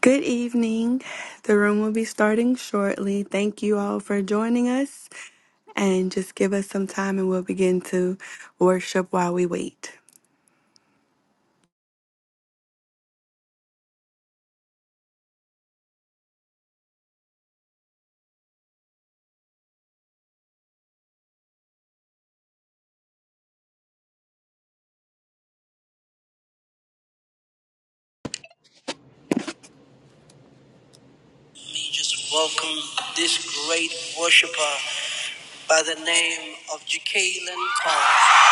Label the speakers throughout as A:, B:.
A: Good evening. The room will be starting shortly. Thank you all for joining us. And just give us some time and we'll begin to worship while we wait.
B: Just welcome this great worshiper by the name of Jacqueline Carr.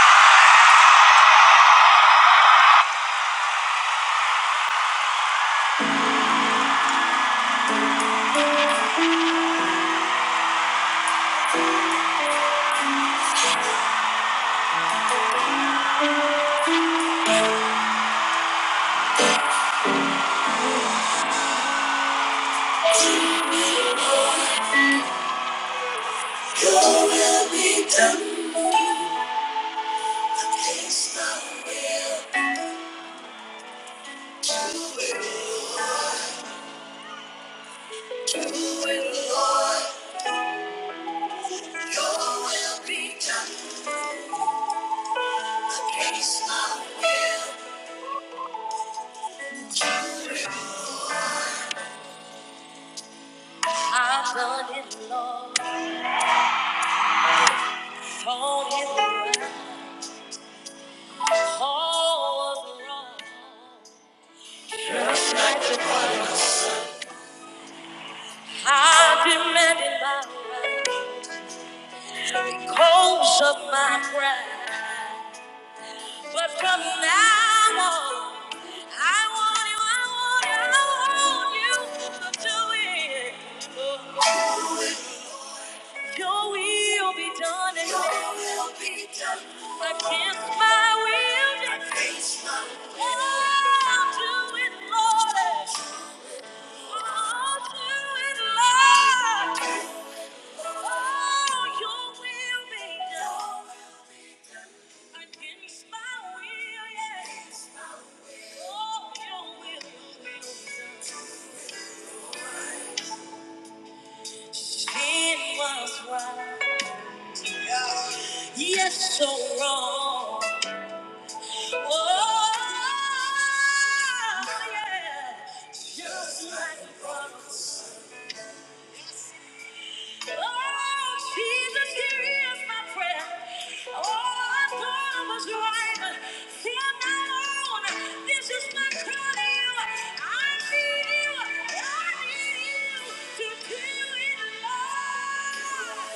B: Your will be done. It's not will. Do it, do it, Lord. Your will be done. It's not will. Do it. I've done it, Lord. Told him all was wrong. I demanded my right. Close up my pride. But from now on, I want you, I want you, I want you to do it. Your will be done in Your me. will be done. Against my will. Against my will. Oh, do it, Lord. Oh, do it, Lord. Oh, your will be done. Against my will, yeah. It was right, yet so wrong. Oh, yeah. Just like the promise. Oh, Jesus, here is my prayer. Oh, I thought I was right. Fear not alone. This is my cry to you. I need you. I need you to do it, Lord.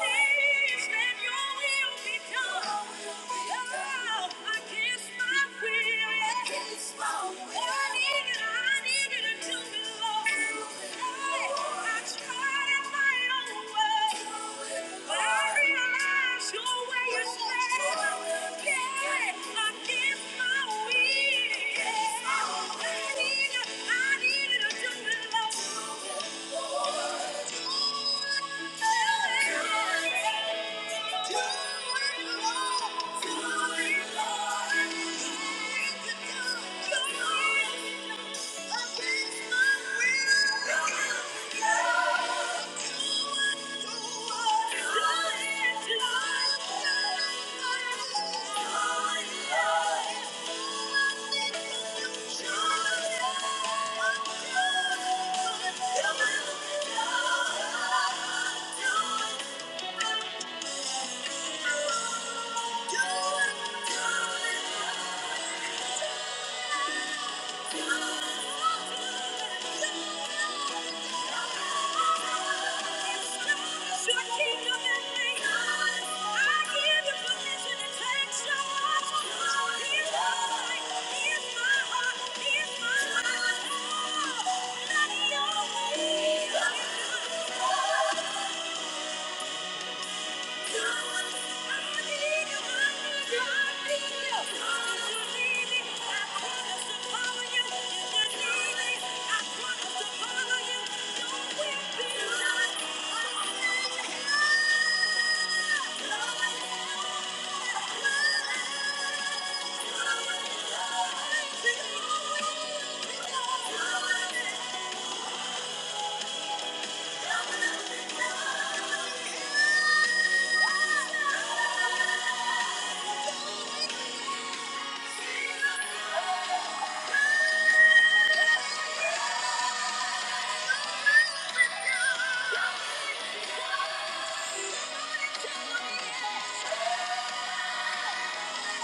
B: Please let your will be done. Oh, I can't I needed a you're my everything. You're my love. You're my everything. Do it, do it. Here's my heart, here's my heart, Thank you. Thank you. Thank you. Do it.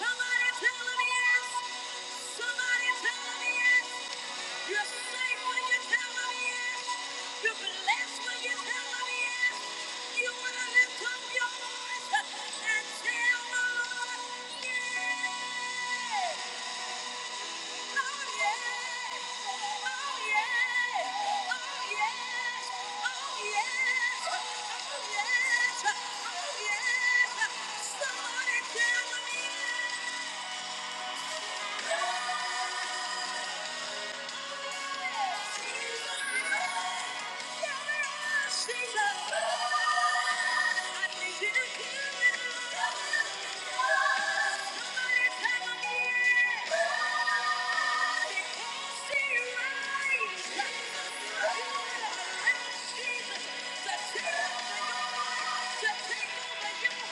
B: Somebody tell them yes. Somebody tell them yes. You're safe when you tell them yes. You're blessed when you tell them yes. You want to lift up your voice and tell the Lord yes. Oh yes. Oh yes. Oh yes. Oh yes. Oh yes. Oh yes. Somebody tell them yes. Thank you.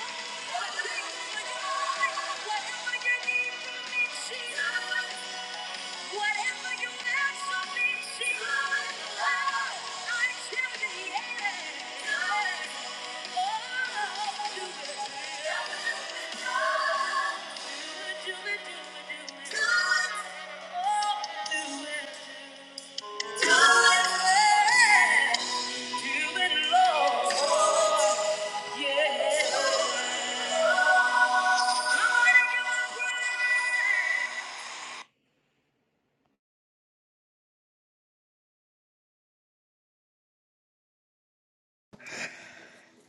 B: Yeah.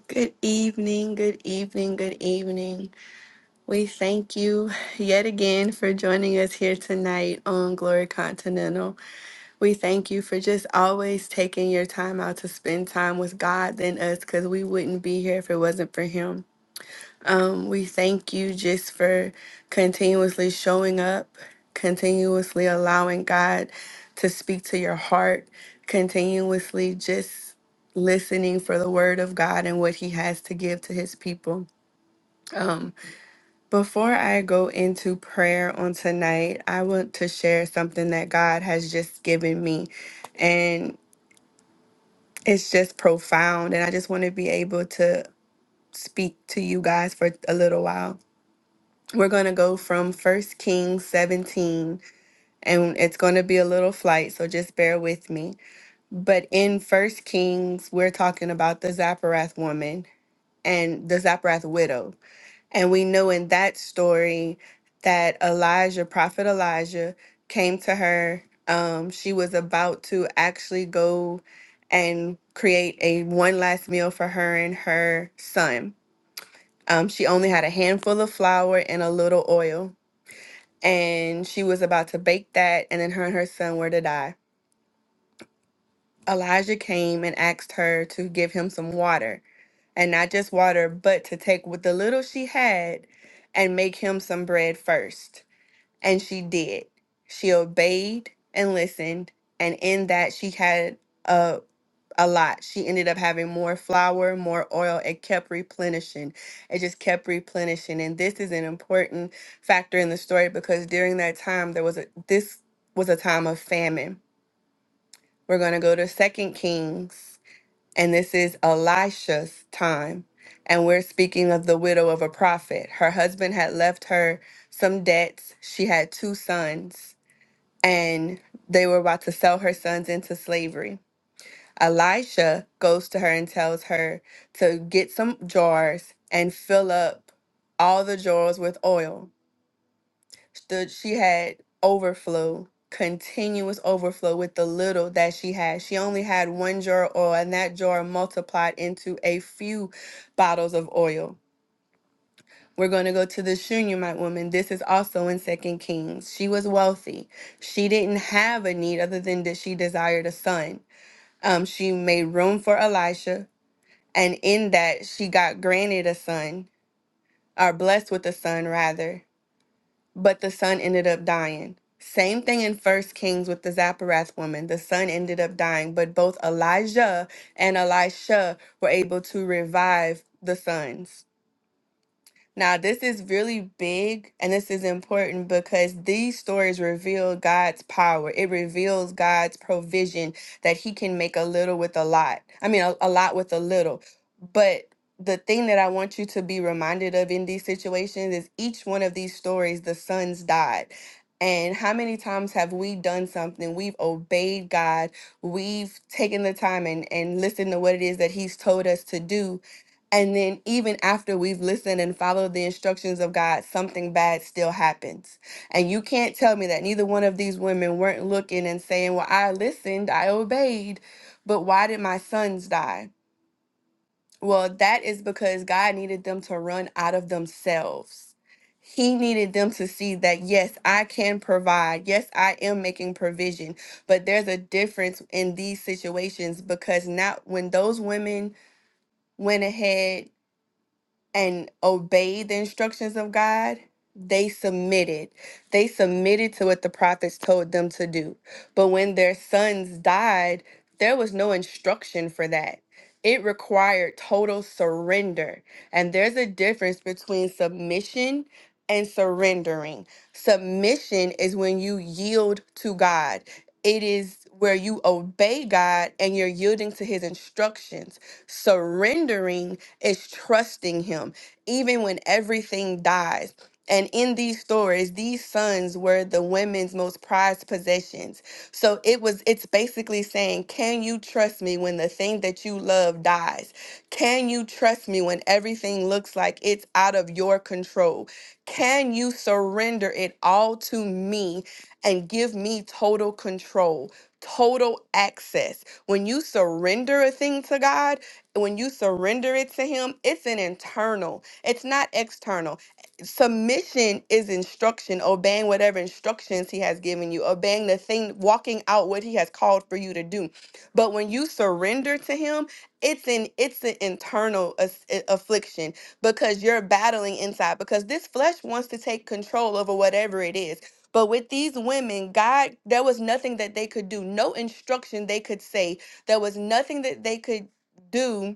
A: Good evening, good evening, good evening. We thank you yet again for joining us here tonight on Glory Continental. We thank you for just always taking your time out to spend time with God and us because we wouldn't be here if it wasn't for Him. Um, we thank you just for continuously showing up, continuously allowing God to speak to your heart, continuously just listening for the word of God and what he has to give to his people. Um, before I go into prayer on tonight, I want to share something that God has just given me. And it's just profound. And I just want to be able to speak to you guys for a little while. We're going to go from First Kings 17, and it's going to be a little flight, so just bear with me. But in First Kings, we're talking about the Zaporath woman and the Zaporath widow. And we know in that story that Elijah, prophet Elijah, came to her. Um, she was about to actually go and create a one last meal for her and her son. Um, she only had a handful of flour and a little oil and she was about to bake that, and then her and her son were to die. Elijah came and asked her to give him some water, and not just water, but to take with the little she had and make him some bread first. And she did. She obeyed and listened. And in that, she had a, a lot. She ended up having more flour, more oil. It kept replenishing. It just kept replenishing. And this is an important factor in the story because during that time, there was a, this was a time of famine. We're going to go to Second Kings, and this is Elisha's time. And we're speaking of the widow of a prophet. Her husband had left her some debts. She had two sons and they were about to sell her sons into slavery. Elisha goes to her and tells her to get some jars and fill up all the jars with oil. Stood she had overflow, continuous overflow with the little that she had. She only had one jar of oil, and that jar multiplied into a few bottles of oil we're going to go to the Shunammite woman. This is also in Second Kings. She was wealthy. She didn't have a need other than that she desired a son. Um, she made room for Elisha, and in that she got granted a son, or blessed with a son rather. But the son ended up dying. Same thing in First Kings with the Zapporath woman. The son ended up dying, but both Elijah and Elisha were able to revive the sons. Now, this is really big and this is important because these stories reveal God's power. It reveals God's provision that He can make a little with a lot. I mean, a, a lot with a little. But the thing that I want you to be reminded of in these situations is each one of these stories, the sons died. And how many times have we done something? We've obeyed God. We've taken the time and, and listened to what it is that He's told us to do and then, even after we've listened and followed the instructions of God, something bad still happens. And you can't tell me that neither one of these women weren't looking and saying, Well, I listened, I obeyed, but why did my sons die? Well, that is because God needed them to run out of themselves. He needed them to see that, yes, I can provide. Yes, I am making provision. But there's a difference in these situations because not when those women went ahead and obeyed the instructions of God, they submitted. They submitted to what the prophets told them to do. But when their sons died, there was no instruction for that. It required total surrender. And there's a difference between submission and surrendering. Submission is when you yield to God. It is where you obey God and you're yielding to his instructions. Surrendering is trusting him, even when everything dies. And in these stories, these sons were the women's most prized possessions. So it was it's basically saying, can you trust me when the thing that you love dies? Can you trust me when everything looks like it's out of your control? Can you surrender it all to me and give me total control, total access? When you surrender a thing to God, when you surrender it to him it's an internal it's not external submission is instruction obeying whatever instructions he has given you obeying the thing walking out what he has called for you to do but when you surrender to him it's an it's an internal as- a- affliction because you're battling inside because this flesh wants to take control over whatever it is but with these women god there was nothing that they could do no instruction they could say there was nothing that they could do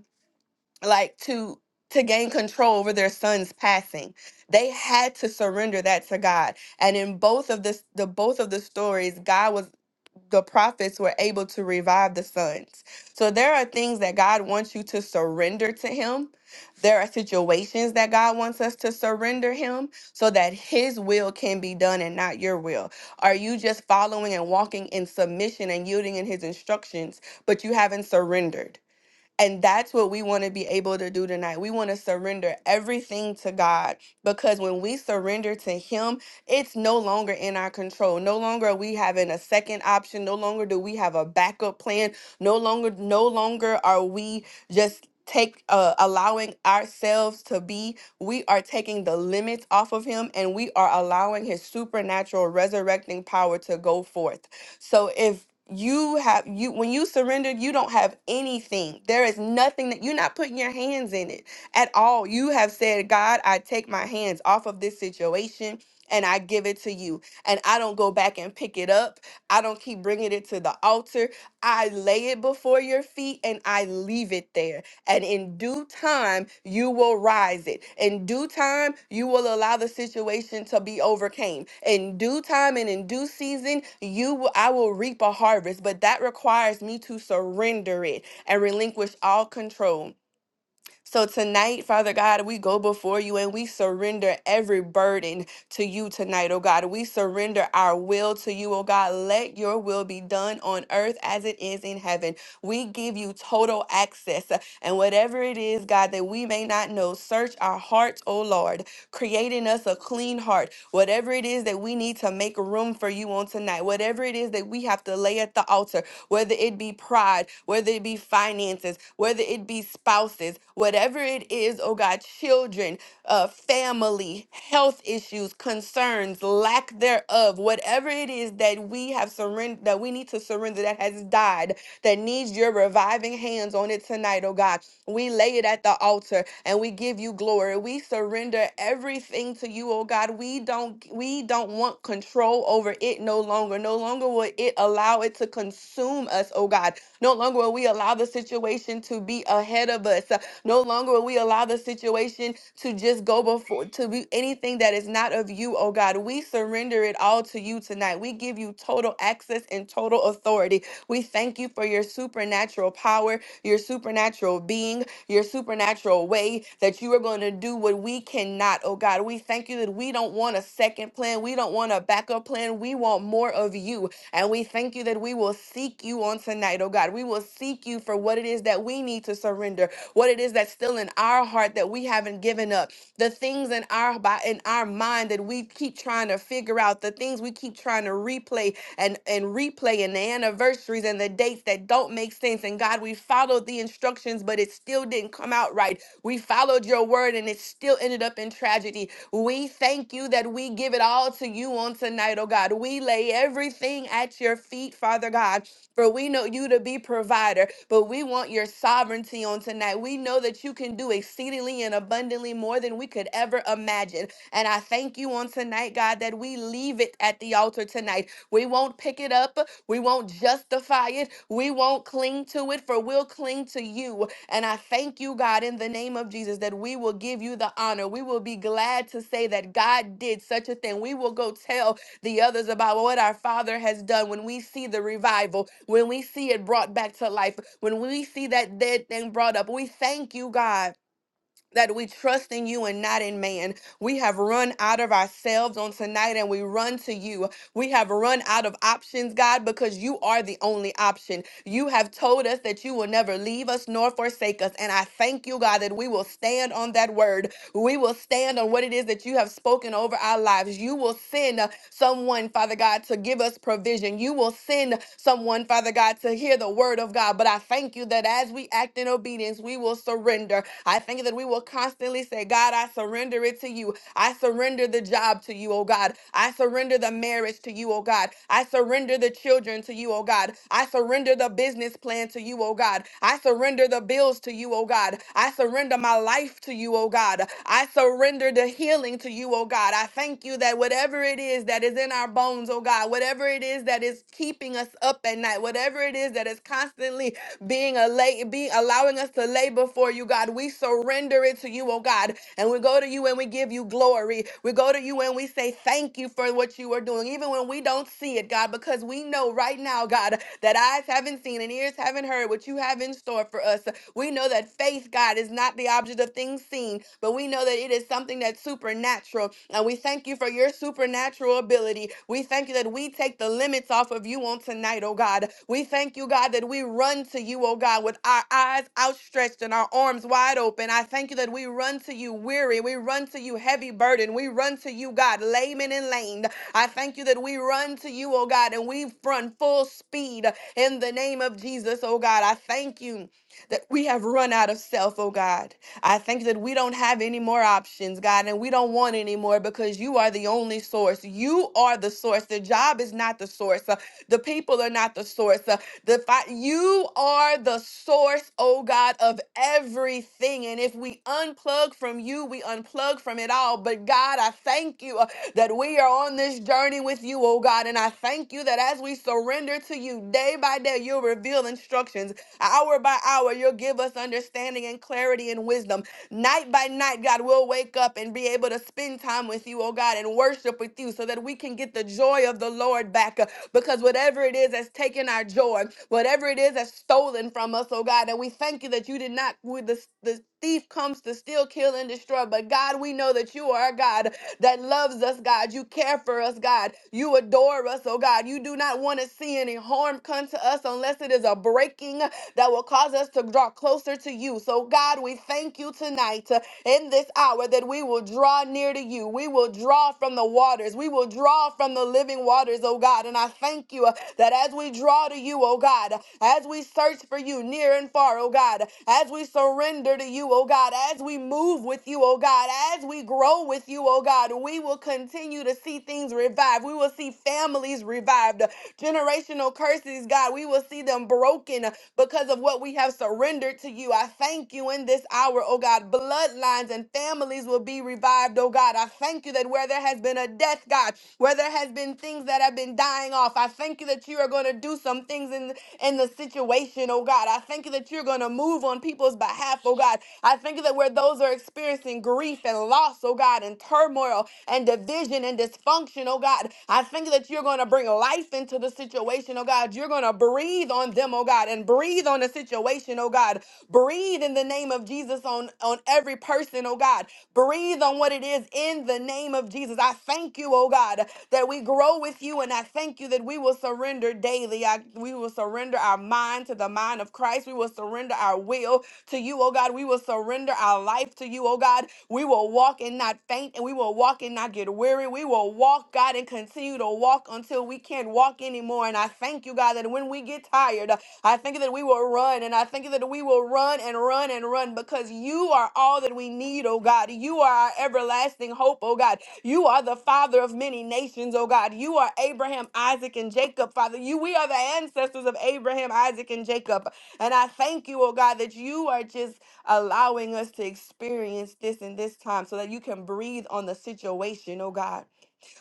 A: like to to gain control over their son's passing they had to surrender that to god and in both of this the both of the stories god was the prophets were able to revive the sons so there are things that god wants you to surrender to him there are situations that god wants us to surrender him so that his will can be done and not your will are you just following and walking in submission and yielding in his instructions but you haven't surrendered and that's what we want to be able to do tonight. We want to surrender everything to God because when we surrender to Him, it's no longer in our control. No longer are we having a second option. No longer do we have a backup plan. No longer, no longer are we just take uh, allowing ourselves to be we are taking the limits off of him and we are allowing his supernatural resurrecting power to go forth so if you have you when you surrendered, you don't have anything. There is nothing that you're not putting your hands in it at all. You have said, God, I take my hands off of this situation and I give it to you. And I don't go back and pick it up. I don't keep bringing it to the altar. I lay it before your feet and I leave it there and in due time you will rise it. In due time, you will allow the situation to be overcame. In due time and in due season, you will, I will reap a harvest, but that requires me to surrender it and relinquish all control. So tonight, Father God, we go before you and we surrender every burden to you tonight, oh God. We surrender our will to you, oh God. Let your will be done on earth as it is in heaven. We give you total access. uh, And whatever it is, God, that we may not know, search our hearts, oh Lord, creating us a clean heart. Whatever it is that we need to make room for you on tonight tonight, whatever it is that we have to lay at the altar, whether it be pride, whether it be finances, whether it be spouses, whatever it is, oh God, children, uh, family, health issues, concerns, lack thereof, whatever it is that we have surrendered, that we need to surrender, that has died, that needs your reviving hands on it tonight, oh God. We lay it at the altar and we give you glory. We surrender everything to you, oh God. We don't we don't want control over it no longer. No longer will it allow it to consume us, oh God. No longer will we allow the situation to be ahead of us. Uh, No longer will we allow the situation to just go before, to be anything that is not of you, oh God. We surrender it all to you tonight. We give you total access and total authority. We thank you for your supernatural power, your supernatural being, your supernatural way that you are going to do what we cannot, oh God. We thank you that we don't want a second plan. We don't want a backup plan. We want more of you. And we thank you that we will seek you on tonight, oh God. We will seek you for what it is that we need to surrender, what it is that's still in our heart that we haven't given up, the things in our bo- in our mind that we keep trying to figure out, the things we keep trying to replay and, and replay and the anniversaries and the dates that don't make sense. And God, we followed the instructions, but it still didn't come out right. We followed your word and it still ended up in tragedy. We thank you that we give it all to you on tonight, oh God. We lay everything at your feet, Father God, for we know you to be provider, but we want your sovereignty on tonight. We know that you can do exceedingly and abundantly more than we could ever imagine. And I thank you on tonight, God, that we leave it at the altar tonight. We won't pick it up, we won't justify it, we won't cling to it, for we'll cling to you. And I thank you, God, in the name of Jesus, that we will give you the honor. We will be glad to say that God did such a thing. We will go tell the others about what our Father has done when we see the revival, when we see it brought back to life, when we see that dead thing brought up. We thank you, God that we trust in you and not in man. We have run out of ourselves on tonight and we run to you. We have run out of options, God, because you are the only option. You have told us that you will never leave us nor forsake us. And I thank you, God, that we will stand on that word. We will stand on what it is that you have spoken over our lives. You will send uh, someone, Father God, to give us provision. You will send someone, Father God, to hear the word of God. But I thank you that as we act in obedience, we will surrender. I thank you that we will constantly say, God, I surrender it to you. I surrender the job to you, oh God. I surrender the marriage marriage to you, oh God. I surrender the children to you, oh God. I surrender the business plan to you, oh God. I surrender the bills to you, oh God. I surrender my life to you, oh God. I surrender the healing to you, oh God. I thank you that whatever it is that is in our bones, oh God, whatever it is that is keeping us up at night, whatever it is that is constantly being a lay, being allowing us to lay before you, God. We surrender it to you, oh God. And we go to you and we give you glory. We go to you and we say thank you for what you are doing, even when we don't see it, God, because we know right now, God, that eyes haven't seen and ears haven't heard what you have in store for us. We know that faith, God, is not the object of things seen, done, but we know that it is something that's supernatural. And we thank you for your supernatural ability. We thank you that we take the limits off of you on tonight, oh God. We thank you, God, that we run to you, oh God, with our eyes outstretched and our arms wide open. I thank you that we run to you weary. We run to you heavy burden. We run to you, God, layman and lamed. I thank you that we run to you, oh God, and we run full speed in the name of Jesus, oh God. I thank you that we have run out of self, oh God. I thank you that we don't have any more options, God, and we don't want any more because you are the only source. You are the source. The job is not the source. Uh, the people are not the source. Uh, the fi- you are the source, oh God, of everything. And if we unplug from you, we unplug from it all. But God, I thank you uh, that we are on this journey with you, oh God. And I thank you that as we surrender to you day by day, you'll reveal instructions. Hour by hour, you'll give us understanding and clarity and wisdom. Night by night, God, we'll wake up and be able to spend time with you, oh God, and worship with you so that we can get the joy of the Lord back. Uh, Because whatever it is that's taken our joy, whatever it is that's stolen from us, oh God, and we thank you that you did not, with the, the thief comes to steal, kill, and destroy. But God, we know that you are a God that loves us, God. You care for us, God. You adore us, oh God. You do not want to see any harm come to us unless it is a breaking that will cause us to draw closer to you. So, God, we thank you tonight. uh, in this hour that we will draw near to you. We will draw from the waters. We will draw from the living waters, oh God. And I thank you uh, that as we draw to you, oh God, as we search for you near and far, oh God, as we surrender to you, oh God, as we move with you, oh God, as we grow with you, oh God, we will continue to see things revived. We will see families revived, generational curses, God. We will see them broken because of what we have surrendered to you. I thank you in this hour, oh God. Bloodlines and families will be revived, oh God. I thank you that where there has been a death, God, where there has been things that have been dying off, I thank you that you are going to do some things in, in the situation, oh God. I thank you that you're going to move on people's behalf, oh God. I thank you that where those are experiencing grief and loss, oh God, and turmoil and division and dysfunction, oh God, I thank you that you're going to bring life into the situation, oh God. You're going to breathe on them, oh God, and breathe on the situation, oh God. Breathe in the name of Jesus on, on every person, oh God. Breathe on what it is in the name of Jesus. I thank you, oh God, that we grow with you, and I thank you that we will surrender daily. I, we will surrender our mind to the mind of Christ. We will surrender our will to you, oh God. We will surrender our life to you, oh God. We will walk and not faint, and we we will walk and not get weary. We will walk, God, and continue to walk until we can't walk anymore. And I thank you, God, that when we get tired, I thank you that we will run. And I thank you that we will run and run and run because you are all that we need, oh God. You are our everlasting hope, oh God. You are the father of many nations, oh God. You are Abraham, Isaac, and Jacob, Father. You we are the ancestors of Abraham, Isaac, and Jacob. And I thank you, oh God, that you are just allowing us to experience this in this time so that you can breathe on the situation, oh God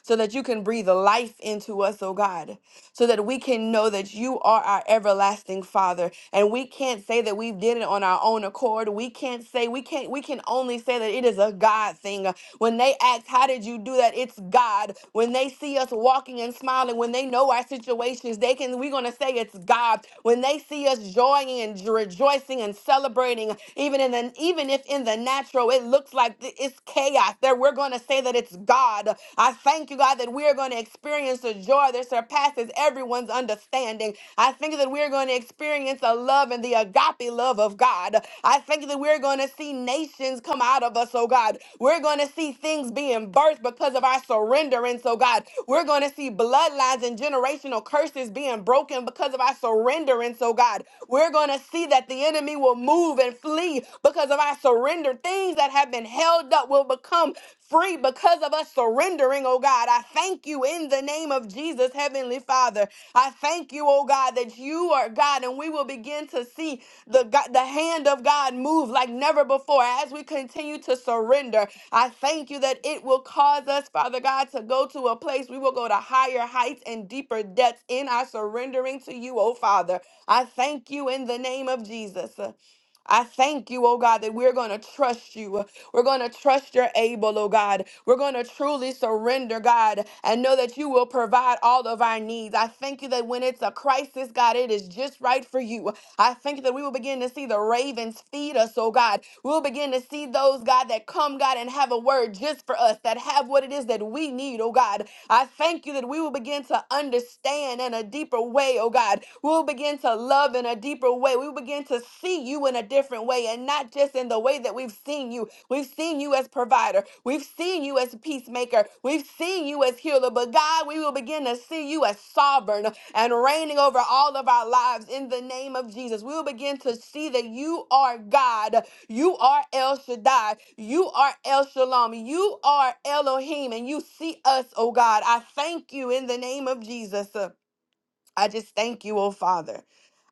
A: so that you can breathe life into us, oh God, so that we can know that you are our everlasting Father. And we can't say that we did it on our own accord. We can't say, we can't, we can only say that it is a God thing. When they ask, How did you do that? It's God. When they see us walking and smiling, when they know our situations, they can, we're going to say it's God. When they see us joying and rejoicing and celebrating, even in the, even if in the natural it looks like th- it's chaos, there we're going to say that it's God. I. I thank you, God, that we are going to experience a joy that surpasses everyone's understanding. I thank you that we are going to experience a love and the agape love of God. I thank you that we're going to see nations come out of us, oh God. We're going to see things being birthed because of our surrenderance, oh God. We're going to see bloodlines and generational curses being broken because of our surrenderance, oh God. We're going to see that the enemy will move and flee because of our surrender. Things that have been held up will become free because of us surrendering, oh God. I thank you in the name of Jesus, Heavenly Father. I thank you, oh God, that you are God, and we will begin to see the God, the hand of God move like never before as we continue to surrender. I thank you that it will cause us, Father God, to go to a place we will go to higher heights and deeper depths in our surrendering to you, oh Father. I thank you in the name of Jesus. I thank you, oh God, that we're going to trust you. We're going to trust your able, oh God. We're going to truly surrender, God, and know that you will provide all of our needs. I thank you that when it's a crisis, God, it is just right for you. I thank you that we will begin to see the ravens feed us, oh God. We'll begin to see those, God, that come, God, and have a word just for us, that have what it is that we need, oh God. I thank you you that we will begin to understand in a deeper way, oh God. We'll begin to love in a deeper way. We will begin to see you in a different way and not just in the way that we've seen you. We've seen you as provider. We've seen you as peacemaker. We've seen you as healer. But God, we will begin to see you as sovereign and reigning over all of our lives in the name of Jesus. We will begin to see that you are God you are El Shaddai. You are El Shalom. You are Elohim, and you see us, oh God. I thank you in the name of Jesus. Uh, I just thank you, oh Father.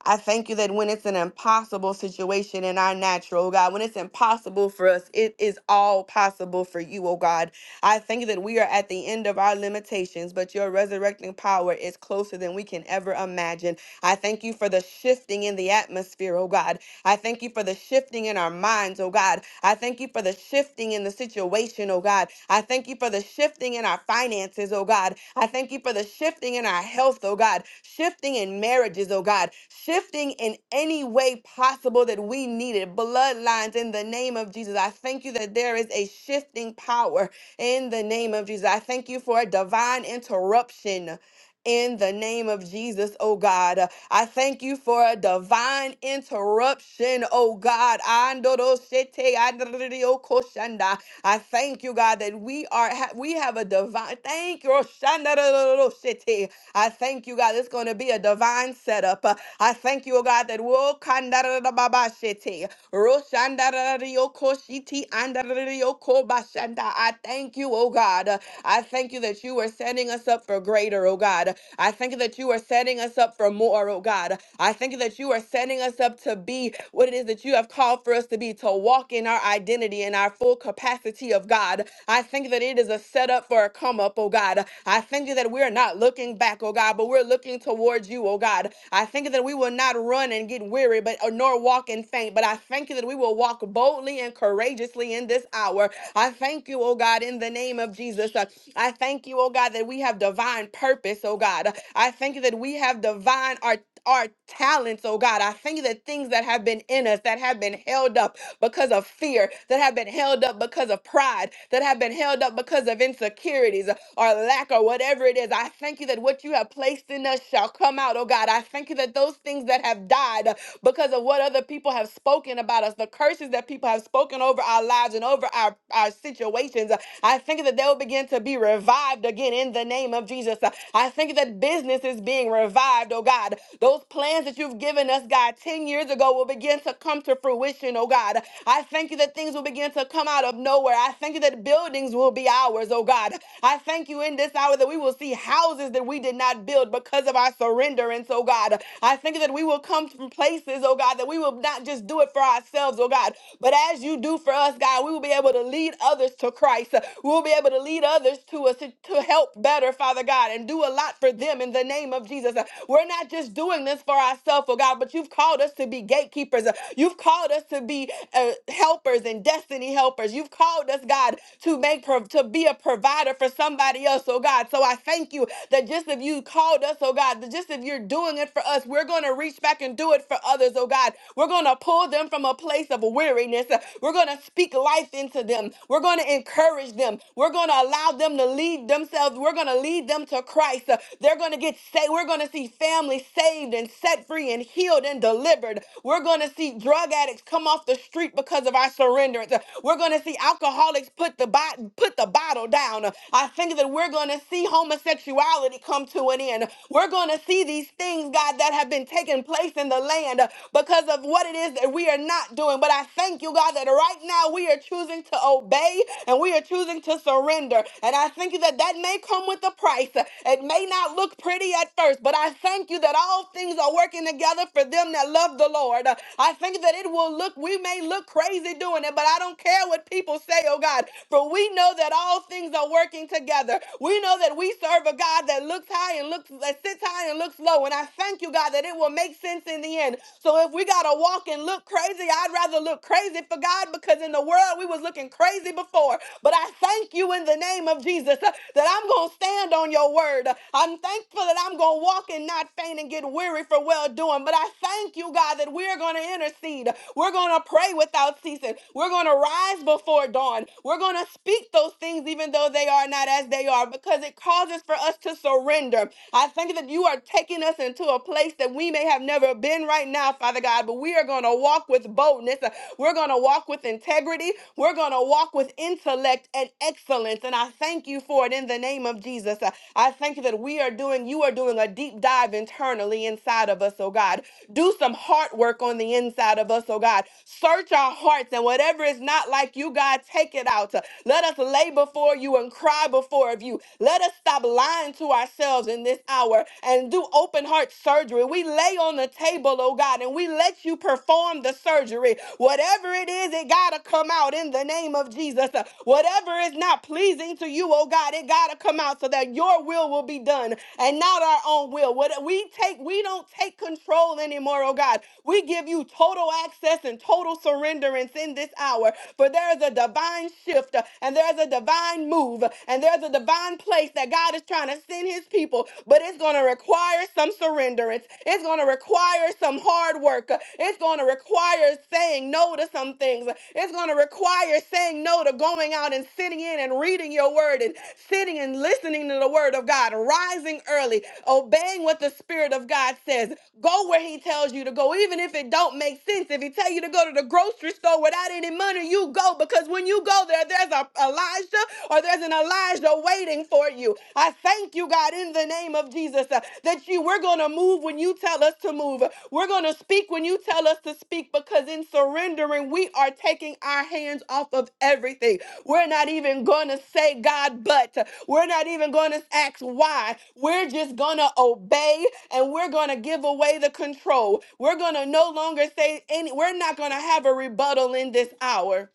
A: I thank you that when it's an impossible situation in our natural, oh God, when it's impossible for us, it is all possible for you, oh God. I thank you that we are at the end of our limitations, but your resurrecting power is closer than we can ever imagine. I thank you for the shifting in the atmosphere, oh God. I thank you for the shifting in our minds, oh God. I thank you for the shifting in the situation, oh God. I thank you for the shifting in our finances, oh God. I thank you for the shifting in our health, oh God. Shifting in marriages, oh God. Shifting in any way possible that we needed. Bloodlines in the name of Jesus. I thank you that there is a shifting power in the name of Jesus. I thank you for a divine interruption in the name of Jesus, oh God. I thank you for a divine interruption, oh God. Andorosete adriokoshanda. I thank you, God, that we are ha- we have a divine thank you. Roshandarororosete. I thank you, God. It's going to be a divine setup. Uh, I thank you, oh God, that we'll Roshandararioko shiti andararioko bashanda. I thank you, oh God. I thank you that you are setting us up for greater, oh God. I thank you that you are setting us up for more, oh God. I thank you that you are setting us up to be what it is that you have called for us to be, to walk in our our identity and our full capacity of God. I think that it is a setup for a come up, oh God. I thank you that we're not looking back, oh God, but we're looking towards you, oh God. I thank you that we will not run and get weary, but nor walk and faint. But I thank you that we will walk boldly and courageously in this hour. I thank you, oh God, in the name of Jesus. Uh, I thank you, oh God, that we have divine purpose, oh God. I thank you that we have divine art. Our talents, oh God. I thank you that things that have been in us, that have been held up, because of fear, that have been held up because of pride, that have been held up because of insecurities, or lack or whatever it is. I thank you that what you have placed in us shall come out, oh God. I thank you that those things that have died uh, because of what other people have spoken about us, the curses that people have spoken over our lives and over our, our situations, uh, I thank you that they'll begin to be revived again in the name of Jesus. Uh, I thank you that business is being revived, oh God. Those plans that you've given us, God, 10 years ago will begin to come to fruition, oh God. I thank you that things will begin to come out of nowhere. I thank you that buildings buildings will be ours, oh God. I thank you in this hour that we will see houses that we did not build because of our surrenderance, oh God. I thank you that we will come from places, oh God, that we will not just do it for ourselves, oh God, but as you do for us, God, we will be able to lead others to Christ. We'll be able to lead others to us to help better, Father God, and do a lot for them in the name of Jesus. We're not just doing this for ourselves, oh God, but you've called us to be gatekeepers. You've called us to be uh, helpers and destiny helpers helpers. You've called us, God, to make pro- to be a provider for somebody else, oh God. So I thank you that just if you called us, oh God, that just if you're doing it for us, we're gonna reach back and do it for others, oh God. We're gonna pull them from a place of weariness. We're gonna speak life into them. We're gonna encourage them. We're gonna allow them to lead themselves. We're gonna lead them to Christ. Uh, They're gonna get saved. We're gonna see families saved and set free and healed and delivered. We're gonna see drug addicts come off the the street because of our surrenderance. We're going to see alcoholics put the bo- put the bottle down. I think that we're going to see homosexuality come to an end. We're going to see these things, God, that have been taking place in the land because of what it is that we are not doing. But I thank you, God, that right now we are choosing to obey and we are choosing to surrender. And I thank you that that may come with a price. It may not look pretty at first, but I thank you that all things are working together for them that love the Lord. Lord. Uh, I think that it will look, we may look crazy doing it, but I don't care what people say, oh God, for we know that all things are working together. We know that we serve a God that looks high and looks, that sits high and looks low. And I thank you, God, that it will make sense in the end. So if we got to walk and look crazy, I'd rather look crazy for God because in the world we was looking crazy before. But I thank you in the name of Jesus uh, that I'm going to stand on your word. Uh, I'm thankful that I'm going to walk and not faint and get weary for for well doing. But I thank you, God, that we're going to intercede. We're going to pray without ceasing. We're going to rise before dawn. We're going to speak those things, even though they are not as they are, because it causes for us to surrender. I thank you that you are taking us into a place that we may have never been right now, Father God, but we are going to walk with boldness. We're going to walk with integrity. We're going to walk with intellect and excellence. And I thank you for it in the name of Jesus. I thank you that we are doing, you are doing doing a deep dive internally inside of us, oh God. Do some heart work on the inside of us, oh God. Search our hearts and whatever is not like you, God, take it out. Let us lay before you and cry before of you. Let us stop lying to ourselves in this hour and do open heart surgery. We lay on the table, oh God, and we let you perform the surgery. Whatever it is, it got to come out in the name of Jesus. Whatever is not pleasing to you, oh God, it got to come out so that your your will will be done and not our own will. What we take, we don't take control anymore, oh God. We give you total access and total surrenderance in this hour. For there is a divine shift uh, and there's a divine move uh, and there's a divine place that God is trying to send his people, but it's going to require some surrenderance. It's going to require some hard work. Uh, It's going to require saying no to some things. Uh, It's going to require saying no to going out and sitting in and reading your word word and sitting and listening to the word of God, rising early, obeying what the spirit of God says. Go where he tells you to go, even if it don't make sense. If he tell you to go to the grocery store without any money, you go because when you go there, there's a Elijah or there's an Elijah waiting for you. I thank you, God, in the name of Jesus, uh, that you we're gonna move when you tell us to move. We're gonna speak when you tell us to speak because in surrendering, we are taking our hands off of everything. We're not even going to say God, but we're not even going to ask why. We're just going to obey and we're going to give away the control. We're going to no longer say any, we're not going to have a rebuttal in this hour.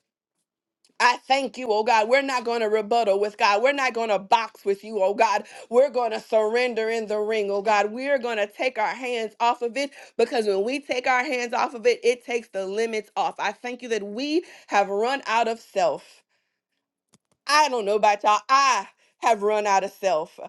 A: I thank you, oh God. We're not going to rebuttal with God. We're not going to box with you, oh God. We're going to surrender in the ring, oh God. We're going to take our hands off of it because when we take our hands off of it, it takes the limits off. I thank you that we have run out of self. I don't know about y'all. I have run out of self.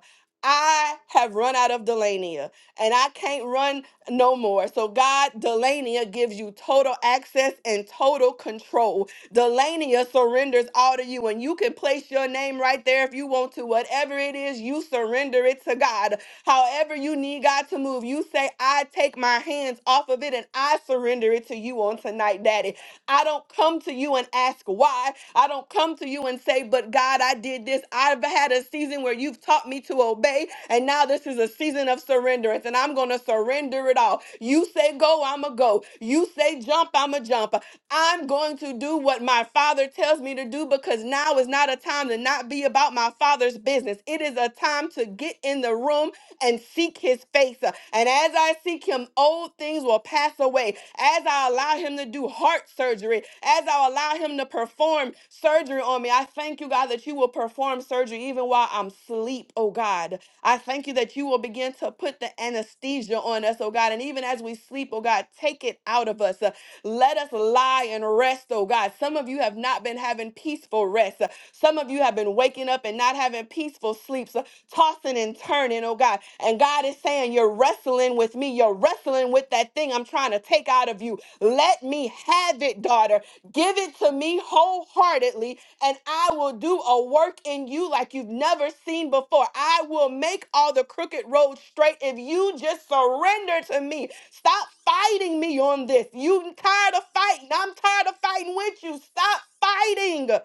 A: I have run out of Delania and I can't run no more. So, God, Delania gives you total access and total control. Delania surrenders all to you, and you can place your name right there if you want to. Whatever it is, you surrender it to God. However, you need God to move, you say, I take my hands off of it and I surrender it to you on tonight, Daddy. I don't come to you and ask why. I don't come to you and say, but God, I did this. I've had a season where you've taught me to obey, and now this is a season of surrenderance, and I'm going to surrender it all. You say go, I'm a go. You say jump, I'm a jump. I'm going to do what my father tells me to do because now is not a time to not be about my father's business. It is a time to get in the room and seek his face. Uh, And as I seek him, old things will pass away. As I allow him to do heart surgery, as I allow him to perform surgery on me, I thank you, God, that you will perform surgery even while I'm asleep, oh God. I thank you that you will begin to put the anesthesia on us, oh God. And even as we sleep, oh God, take it out of us. Uh, Let us lie and rest, oh God. Some of you have not been having peaceful rest. Uh, Some of you have been waking up and not having peaceful sleeps tossing and turning, oh God. And God is saying, You're wrestling with me. You're wrestling with that thing I'm trying to take out of you. Let me have it, daughter. Give it to me wholeheartedly, and I will do a work in you like you've never seen before. I will make all the crooked roads straight if you just surrender to me. Stop fighting me on this. You tired of fighting. I'm tired of fighting with you. Stop fighting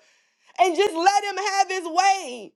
A: and just let him have his way.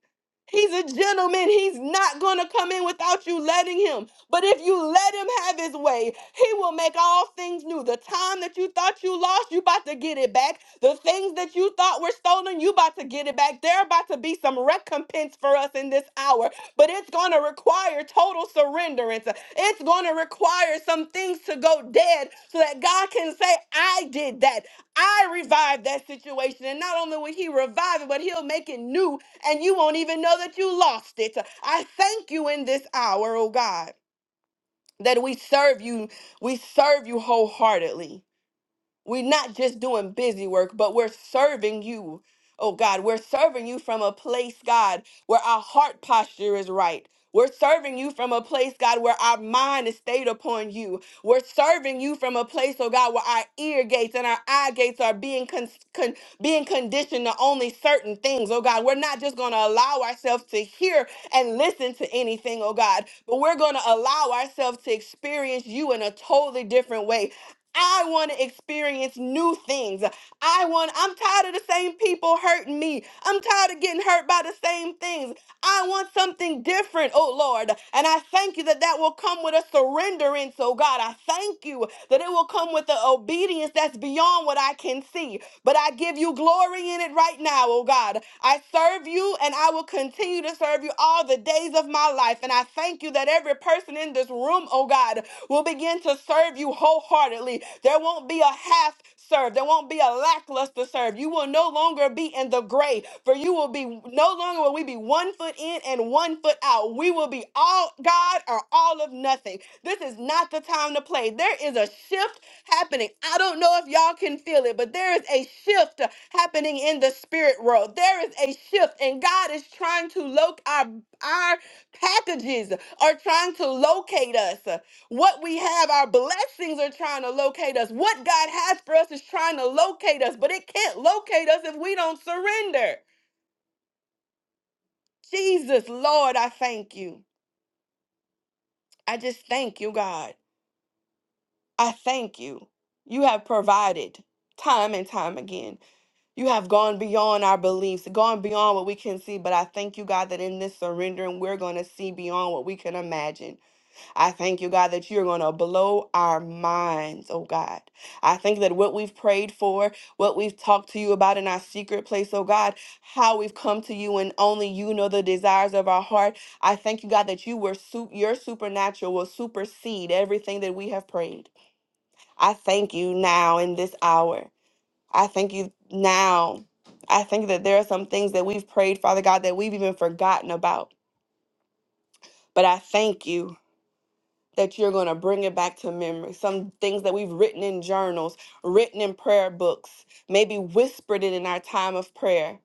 A: He's a gentleman. He's not going to come in without you letting him. But if you let him have his way, he will make all things new. The time that you thought you lost, you about to get it back. The things that you thought were stolen, you about to get it back. There about to be some recompense for us in this hour. But it's going to require total surrenderance. It's going to require some things to go dead so that God can say, I did that. I revived that situation. And not only will he revive it, but he'll make it new, and you won't even know that you lost it. I thank you in this hour, oh God, that we serve you. We serve you wholeheartedly. We're not just doing busy work, but we're serving you. Oh God, we're serving you from a place, God, where our heart posture is right. We're serving you from a place, God, where our mind is stayed upon you. We're serving you from a place, oh God, where our ear gates and our eye gates are being con- con- being conditioned to only certain things, oh God. We're not just going to allow ourselves to hear and listen to anything, oh God, but we're going to allow ourselves to experience you in a totally different way I want to experience new things. I want I'm tired of the same people hurting me. I'm tired of getting hurt by the same things. I want something different, oh Lord. And I thank you that that will come with a surrendering. So, God, I thank you that it will come with the obedience that's beyond what I can see. But I give you glory in it right now, oh God. I serve you and I will continue to serve you all the days of my life. And I thank you that every person in this room, oh God, will begin to serve you wholeheartedly. There won't be a half serve. There won't be a lackluster serve. You will no longer be in the gray, for you will be no longer will we be one foot in and one foot out. We will be all God or all of nothing. This is not the time to play. There is a shift happening. I don't know if y'all can feel it, but there is a shift happening in the spirit world. There is a shift, and God is trying to locate our our packages are trying to locate us. What we have, our blessings are trying to locate us. What God has for us is trying to locate us, but it can't locate us if we don't surrender. Jesus, Lord, I thank you. I just thank you, God. I thank you. You have provided time and time again. You have gone beyond our beliefs, gone beyond what we can see. But I thank you, God, that in this surrendering, we're going to see beyond what we can imagine. I thank you, God, that you're going to blow our minds, oh God. I think that what we've prayed for, what we've talked to you about in our secret place, oh God, how we've come to you and only you know the desires of our heart. I thank you, God, that you were su- your supernatural will supersede everything that we have prayed. I thank you now in this hour. I thank you now. I think that there are some things that we've prayed, Father God, that we've even forgotten about. But I thank you. that you're going to bring it back to memory. Some things that we've written in journals, written in prayer books, maybe whispered it in our time of prayer.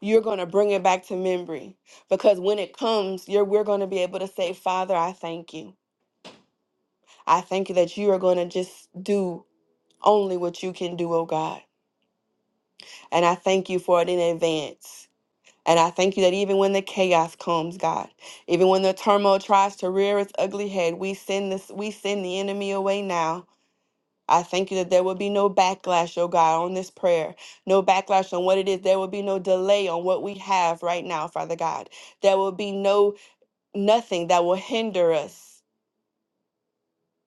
A: You're going to bring it back to memory because when it comes, you're, we're going to be able to say, Father, I thank you. I thank you that you are going to just do only what you can do, oh God. And I thank you for it in advance. And I thank you that even when the chaos comes, God, even when the turmoil tries to rear its ugly head, we send this we send the enemy away now I thank you that there will be no backlash, oh God, on this prayer, no backlash on what it is. There will be no delay on what we have right now, Father God. There will be no nothing that will hinder us.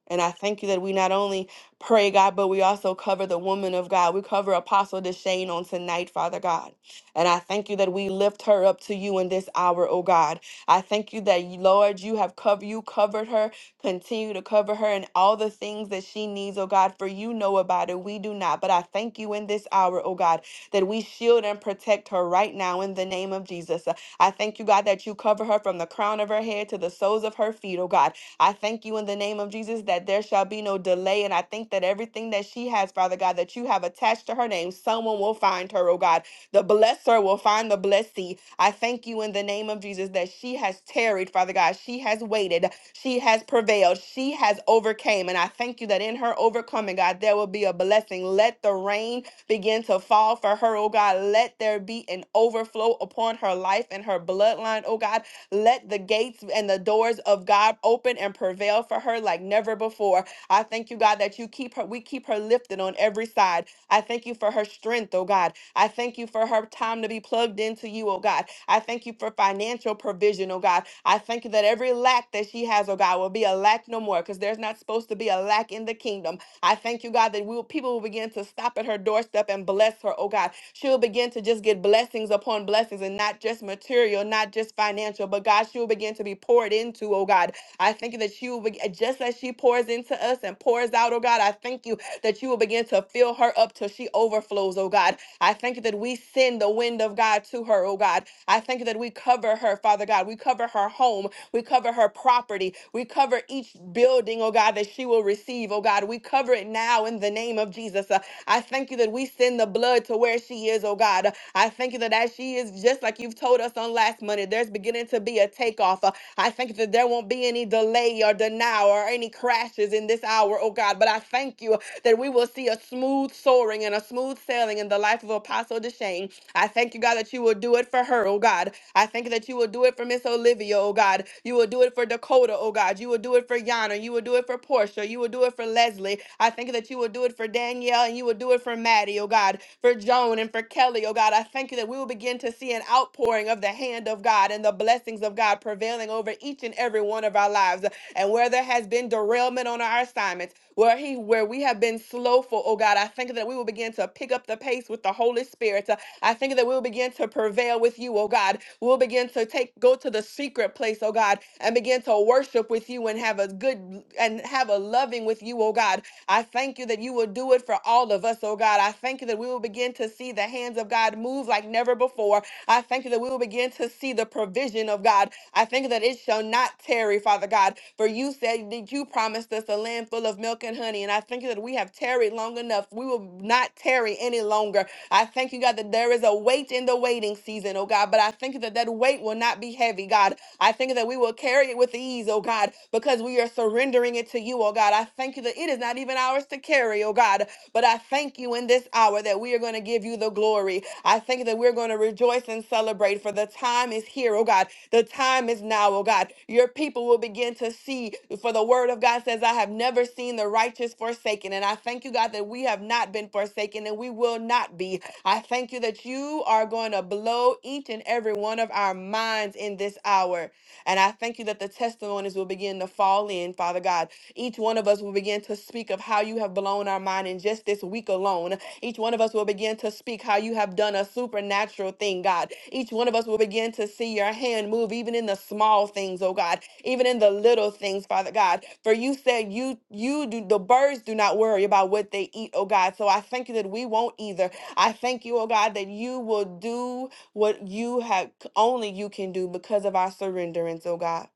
A: And I thank you that we not only pray, God, but we also cover the woman of God. We cover Apostle Deshane on tonight, Father God. And I thank you that we lift her up to you in this hour, oh God. I thank you that, Lord, you have covered you covered her. Continue to cover her and all the things that she needs, oh God, for you know about it. We do not. But I thank you in this hour, oh God, that we shield and protect her right now in the name of Jesus. I thank you, God, that you cover her from the crown of her head to the soles of her feet, oh God. I thank you in the name of Jesus that there shall be no delay. And I think that everything that she has, Father God, that you have attached to her name, someone will find her, oh God. The blesser will find the blessee. I thank you in the name of Jesus that she has tarried, Father God. She has waited. She has prevailed. She has overcame. And I thank you that in her overcoming, God, there will be a blessing. Let the rain begin to fall for her, oh God. Let there be an overflow upon her life and her bloodline, oh God. Let the gates and the doors of God open and prevail for her like never before. I thank you, God, that you keep her, we keep her lifted on every side. I thank you for her strength, oh God. I thank you for her time to be plugged into you, oh God. I thank you for financial provision, oh God. I thank you that every lack that she has, oh God, will be a lack no more because there's not supposed to be a lack in the kingdom. I thank you, God, that we will, people will begin to stop at her doorstep and bless her, oh God. She'll begin to just get blessings upon blessings and not just material, not just financial, but God, she'll begin to be poured into, oh God. I thank you that she will, be- just as she pours into us and pours out, oh God, I thank you that you will begin to fill her up till she overflows, oh God. I thank you that we send the wind of God to her, oh God. I thank you that we cover her, Father God. We cover her home. We cover her property. We cover each building, oh God, that she will receive, oh God. We cover it now in the name of Jesus. Uh, I thank you that we send the blood to where she is, oh God. Uh, I thank you that as she is, just like you've told us on last Monday, there's beginning to be a takeoff. Uh, I thank you that there won't be any delay or denial or any crashes in this hour, oh God. But I thank you that we will see a smooth soaring and a smooth sailing in the life of Apostle Deshane. I thank you, God, that you will do it for her, oh God. I thank you that you will do it for Miss Olivia, oh God. You will do it for Dakota, oh God. You will do it for Yana. You will do it for Portia. You will do it for Leslie. I thank you that you will do it for Danielle and you will do it for Maddie, oh God. For Joan and for Kelly, oh God. I thank you that we will begin to see an outpouring of the hand of God and the blessings of God prevailing over each and every one of our lives. And where there has been derailment on our assignments, where he where we have been slowful, oh God, I thank you that we will begin to pick up the pace with the Holy Spirit. uh, I think that we'll begin to prevail with you, oh God. We'll begin to take go to the secret place, oh God, and begin to worship with you and have a good and have a loving with you, oh God. I thank you that you will do it for all of us, oh God. I thank you that we will begin to see the hands of God move like never before. I thank you that we will begin to see the provision of God. I thank you that it shall not tarry, Father God. For you said that you promised us a land full of milk and honey. And I thank you that we have tarried long enough. We will not tarry any longer. I thank you, God, that there is a weight in the waiting season, oh God. But I thank you that that weight will not be heavy, God. I thank you that we will carry it with ease, oh God, because we are surrendering it to you, oh God. I thank you that it is not even ours to carry, oh God. But I thank you in this hour that we are going to give you the glory. I thank you that we're going to rejoice and celebrate, for the time is here, oh God. The time is now, oh God. Your people will begin to see, for the word of God says, I have never seen the righteous forsaken. And I thank you, God, that we have not been forsaken and we will not be. I thank you that you are going to blow each and every one of our minds in this hour. And I thank you that the testimonies will begin to fall in, Father God. Each one of us will begin to speak of how you have blown our mind in just this week alone. Each one of us will begin to speak how you have done a supernatural thing, God. Each one of us will begin to see your hand move even in the small things, oh God, even in the little things, Father God. For you said you you do the birds do not worry about what they eat, oh God. So I thank you that we won't either. I thank you, oh God, that you will do what you have only you can do because of our surrenderance, oh God.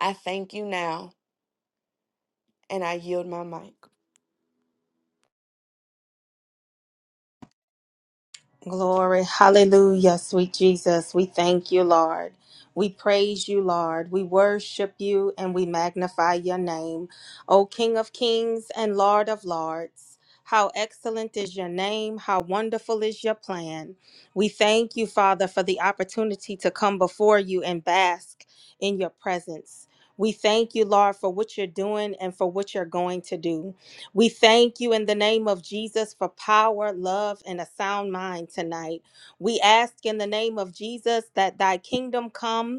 A: I thank you now and I yield my mic.
B: Glory. Hallelujah, sweet Jesus. We thank you, Lord. We praise you, Lord. We worship you and we magnify your name. O King of kings and Lord of lords, how excellent is your name. How wonderful is your plan. We thank you, Father, for the opportunity to come before you and bask in your presence. We thank you, Lord, for what you're doing and for what you're going to do. We thank you in the name of Jesus for power, love, and a sound mind tonight. We ask in the name of Jesus that thy kingdom come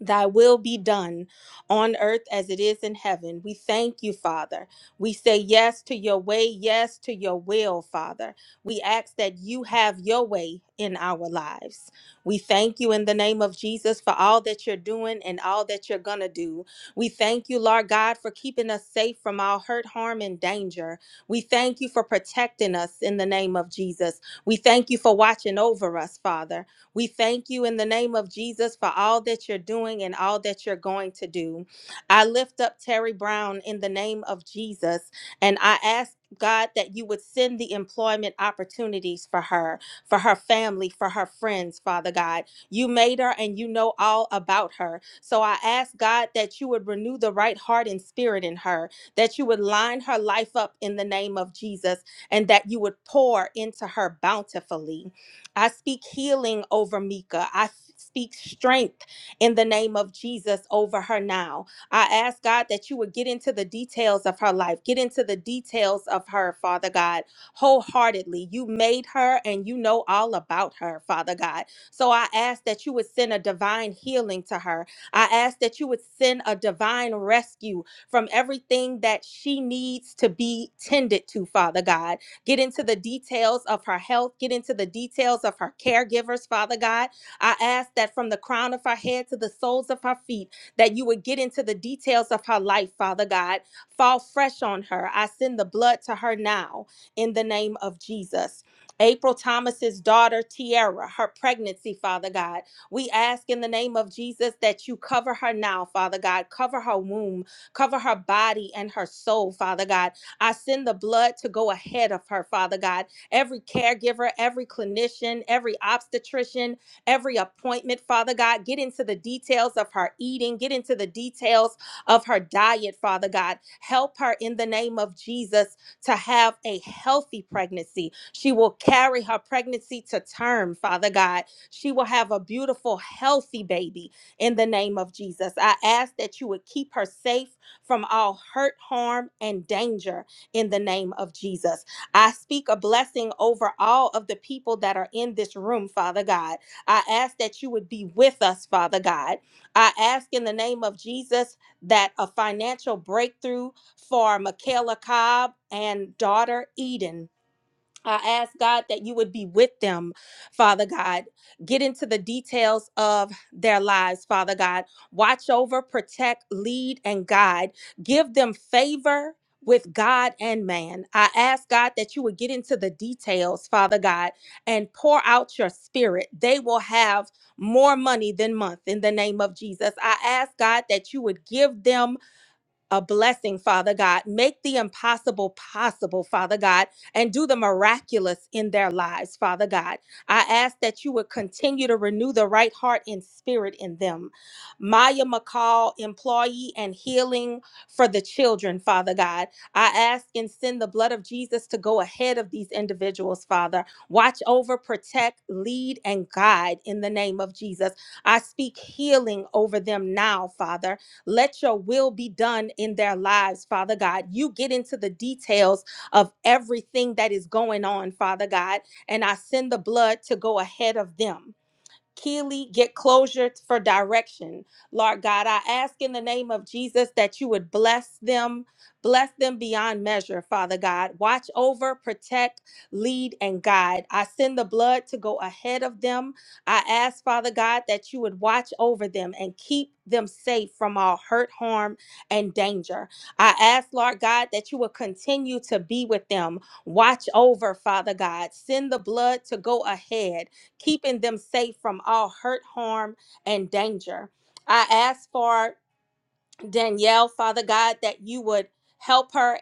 B: Thy will be done on earth as it is in heaven. We thank you, Father. We say yes to your way, yes to your will, Father. We ask that you have your way in our lives. We thank you in the name of Jesus for all that you're doing and all that you're going to do. We thank you, Lord God, for keeping us safe from all hurt, harm, and danger. We thank you for protecting us in the name of Jesus. We thank you for watching over us, Father. We thank you in the name of Jesus for all that you're doing and all that you're going to do. I lift up Terry Brown in the name of Jesus and I ask. God, that you would send the employment opportunities for her, for her family, for her friends, Father God. You made her and you know all about her. So I ask God that you would renew the right heart and spirit in her, that you would line her life up in the name of Jesus, and that you would pour into her bountifully. I speak healing over Mika. I f- speak strength in the name of Jesus over her now. I ask God that you would get into the details of her life, get into the details of her, Father God, wholeheartedly. You made her and you know all about her, Father God. So I ask that you would send a divine healing to her. I ask that you would send a divine rescue from everything that she needs to be tended to, Father God. Get into the details of her health. Get into the details of her caregivers, Father God. I ask that from the crown of her head to the soles of her feet, that you would get into the details of her life, Father God. Fall fresh on her. I send the blood to her now in the name of Jesus. April Thomas's daughter, Tiara, her pregnancy, Father God. We ask in the name of Jesus that you cover her now, Father God. Cover her womb, cover her body and her soul, Father God I send the blood to go ahead of her, Father God. Every caregiver, every clinician, every obstetrician, every appointment, Father God, get into the details of her eating, get into the details of her diet, Father God. Help her in the name of Jesus to have a healthy pregnancy. She will carry her pregnancy to term, Father God. She will have a beautiful, healthy baby in the name of Jesus. I ask that you would keep her safe from all hurt, harm, and danger in the name of Jesus. I speak a blessing over all of the people that are in this room, Father God. I ask that you would be with us, Father God. I ask in the name of Jesus that a financial breakthrough for Michaela Cobb and daughter Eden I ask God that you would be with them, Father God. Get into the details of their lives, Father God. Watch over, protect, lead, and guide. Give them favor with God and man. I ask God that you would get into the details, Father God, and pour out your spirit. They will have more money than month in the name of Jesus. I ask God that you would give them a blessing, Father God. Make the impossible possible, Father God, and do the miraculous in their lives, Father God. I ask that you would continue to renew the right heart and spirit in them. Maya McCall, employee and healing for the children, Father God. I ask and send the blood of Jesus to go ahead of these individuals, Father. Watch over, protect, lead, and guide in the name of Jesus. I speak healing over them now, Father let your will be done in their lives, Father God. You get into the details of everything that is going on, Father God, and I send the blood to go ahead of them. Keely, get closure for direction. Lord God, I ask in the name of Jesus that you would bless them, bless them beyond measure, Father God. Watch over, protect, lead, and guide. I send the blood to go ahead of them. I ask, Father God, that you would watch over them and keep them safe from all hurt, harm, and danger. I ask, Lord God, that you would continue to be with them. Watch over, Father God. Send the blood to go ahead keeping them safe from all hurt, harm, and danger. I ask for Danielle, Father God, that you would help her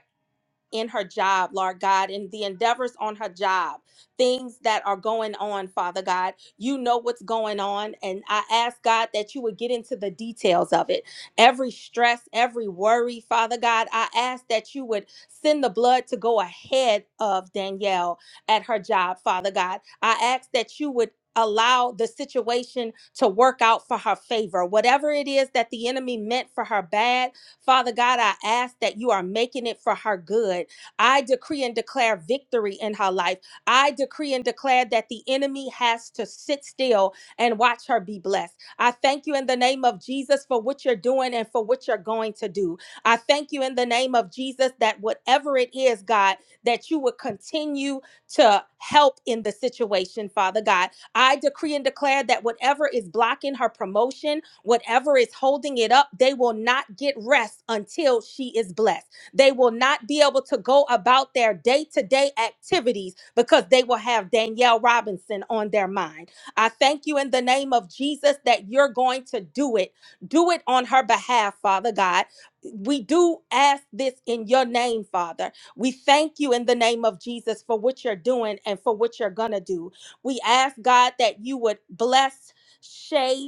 B: in her job, Lord God, and the endeavors on her job, things that are going on, Father God. You know what's going on. And I ask God that you would get into the details of it. Every stress, every worry, Father God, I ask that you would send the blood to go ahead of Danielle at her job, Father God. I ask that you would. Allow the situation to work out for her favor. Whatever it is that the enemy meant for her bad, Father God, I ask that you are making it for her good. I decree and declare victory in her life. I decree and declare that the enemy has to sit still and watch her be blessed. I thank you in the name of Jesus for what you're doing and for what you're going to do. I thank you in the name of Jesus that whatever it is, God, that you would continue to help in the situation, Father God I decree and declare that whatever is blocking her promotion, whatever is holding it up, they will not get rest until she is blessed. They will not be able to go about their day to day activities because they will have Danielle Robinson on their mind. I thank you in the name of Jesus that you're going to do it. Do it on her behalf, Father God. We do ask this in your name, Father. We thank you in the name of Jesus for what you're doing and for what you're going to do. We ask, God, that you would bless Shay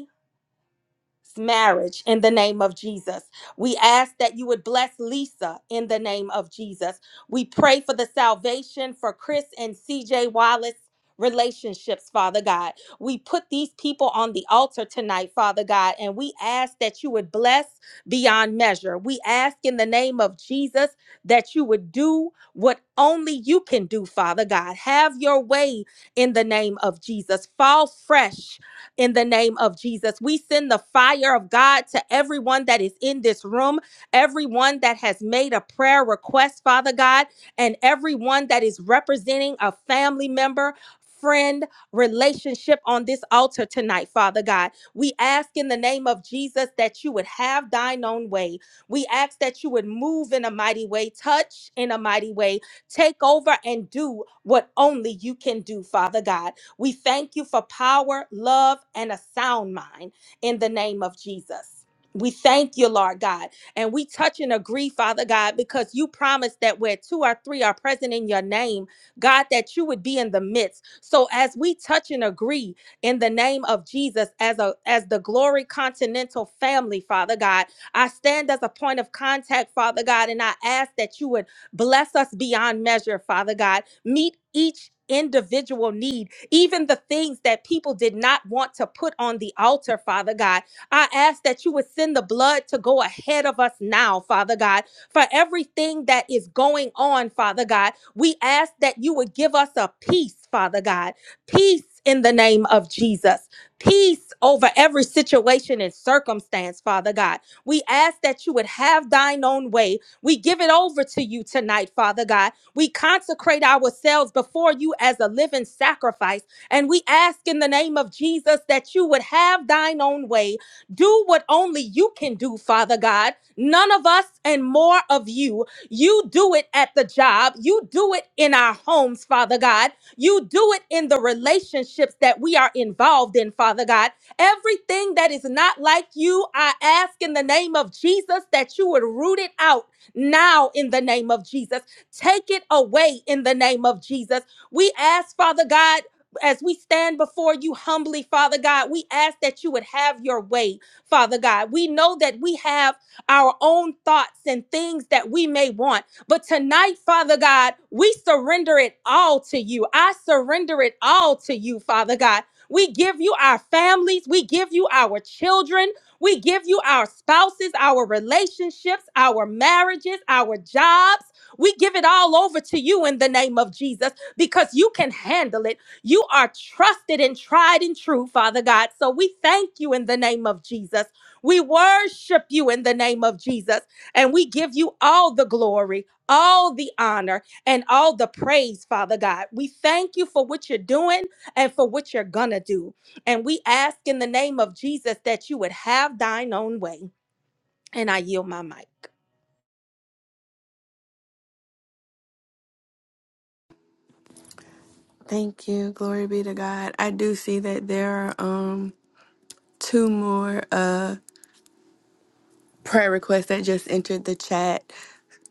B: marriage in the name of Jesus. We ask that you would bless Lisa in the name of Jesus. We pray for the salvation for Chris and CJ Wallace. Relationships, Father God. We put these people on the altar tonight, Father God, and we ask that you would bless beyond measure. We ask in the name of Jesus that you would do what only you can do, Father God. Have your way in the name of Jesus. Fall fresh in the name of Jesus. We send the fire of God to everyone that is in this room, everyone that has made a prayer request, Father God, and everyone that is representing a family member. Friend relationship on this altar tonight, Father God. We ask in the name of Jesus that you would have thine own way. We ask that you would move in a mighty way, touch in a mighty way, take over and do what only you can do, Father God. We thank you for power, love, and a sound mind in the name of Jesus. We thank you, Lord God. And we touch and agree, Father God, because you promised that where two or three are present in your name, God, that you would be in the midst. So as we touch and agree in the name of Jesus as a as the glory continental family, Father God, I stand as a point of contact, Father God, and I ask that you would bless us beyond measure, Father God. Meet each individual need even the things that people did not want to put on the altar, Father God. I ask that you would send the blood to go ahead of us now, Father God, for everything that is going on, Father God. We ask that you would give us a peace, Father God. Peace in the name of Jesus. Peace over every situation and circumstance, Father God. We ask that you would have thine own way. We give it over to you tonight, Father God we consecrate ourselves before you as a living sacrifice. And we ask in the name of Jesus that you would have thine own way. Do what only you can do, Father God. None of us and more of you. You do it at the job. You do it in our homes, Father God. You do it in the relationships that we are involved in, Father God. Everything that is not like you, I ask in the name of Jesus that you would root it out now in the name of Jesus. Take it away in the name of Jesus. We ask, Father God, as we stand before you humbly, Father God, we ask that you would have your way, Father God. We know that we have our own thoughts and things that we may want. But tonight, Father God, we surrender it all to you. I surrender it all to you, Father God. We give you our families, we give you our children, we give you our spouses, our relationships, our marriages, our jobs. We give it all over to you in the name of Jesus because you can handle it. You are trusted and tried and true, Father God. So we thank you in the name of Jesus. We worship you in the name of Jesus. And we give you all the glory, all the honor, and all the praise, Father God. We thank you for what you're doing and for what you're going to do. And we ask in the name of Jesus that you would have thine own way. And I yield my mic.
A: Thank you. Glory be to God. I do see that there are um two more prayer request that just entered the chat.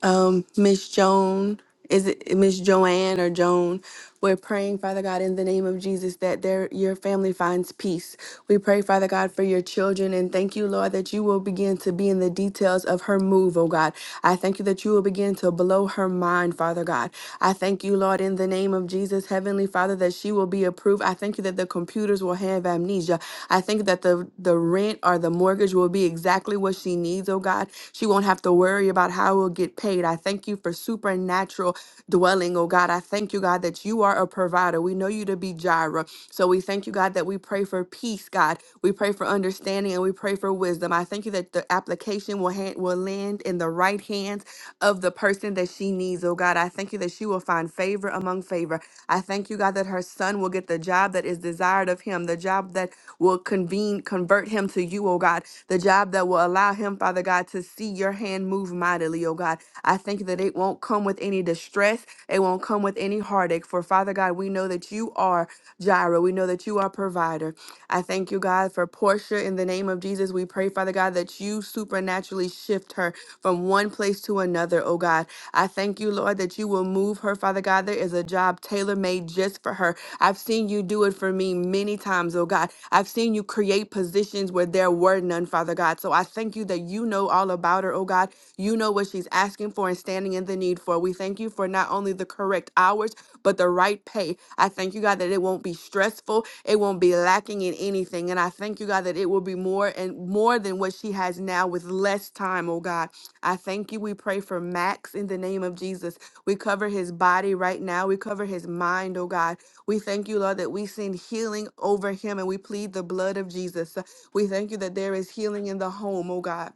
A: um miss joan is it miss joanne or joan we're praying father god in the name of jesus that their your family finds peace we pray father god for your children and thank you lord that you will begin to be in the details of her move oh god i thank you that you will begin to blow her mind father god i thank you lord in the name of jesus heavenly father that she will be approved i thank you that the computers will have amnesia i thank think that the the rent or the mortgage will be exactly what she needs, oh God. She won't have to worry about how it will get paid. I thank you for supernatural dwelling, oh God. I thank you, God, that you are a provider. We know you to be Jireh. So we thank you, God, that we pray for peace, God. We pray for understanding and we pray for wisdom. I thank you that the application will hand, will land in the right hands of the person that she needs, oh God. I thank you that she will find favor among favor. I thank you, God, that her son son will get the job that is desired of him, the job that will convene, convert him to you, oh God, the job that will allow him, Father God, to see your hand move mightily, oh God. I thank you that it won't come with any distress, it won't come with any heartache. For Father God, we know that you are Jireh, we know that you are provider. I thank you, God, for Portia. In the name of Jesus, we pray, Father God, that you supernaturally shift her from one place to another, oh God. I thank you, Lord, that you you will move her, Father God. There is a job tailor made just for her. I've seen you do it for me many times, oh God. I've seen you create positions where there were none, Father God. So I thank you that you know all about her, oh God. You know what she's asking for and standing in the need for. We thank you for not only the correct hours, but the right pay. I thank you, God, that it won't be stressful. It won't be lacking in anything. And I thank you, God, that it will be more and more than what she has now with less time, oh God. I thank you. We pray for Max in the name of Jesus. We cover his body right now. We cover his mind, oh God. We thank you, Lord, that we send healing over him and we plead the blood of Jesus. We thank you that there is healing in the home, oh God.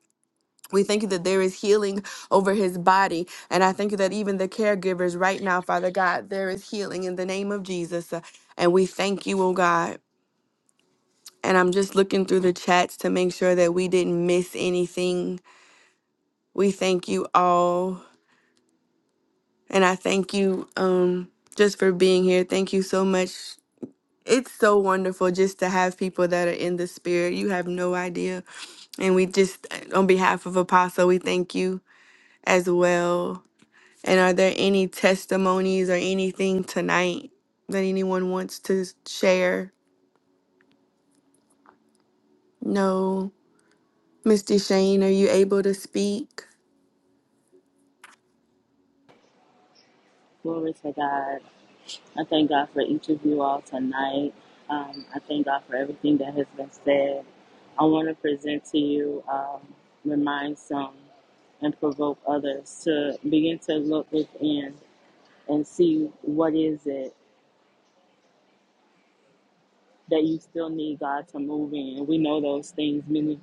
A: We thank you that there is healing over his body. And I thank you that even the caregivers right now, Father God, there is healing in the name of Jesus. And we thank you, oh God. And I'm just looking through the chats to make sure that we didn't miss anything. We thank you all. And I thank you um, just for being here. Thank you so much. It's so wonderful just to have people that are in the spirit. You have no idea. And we just, on behalf of Apostle, we thank you as well. And are there any testimonies or anything tonight that anyone wants to share? No. Mr. Shane, are you able to speak?
C: Glory to God. I thank God for each of you all tonight. Um, I thank God for everything that has been said. I want to present to you, um, remind some, and provoke others to begin to look within and see what is it that you still need God to move in. We know those things. Many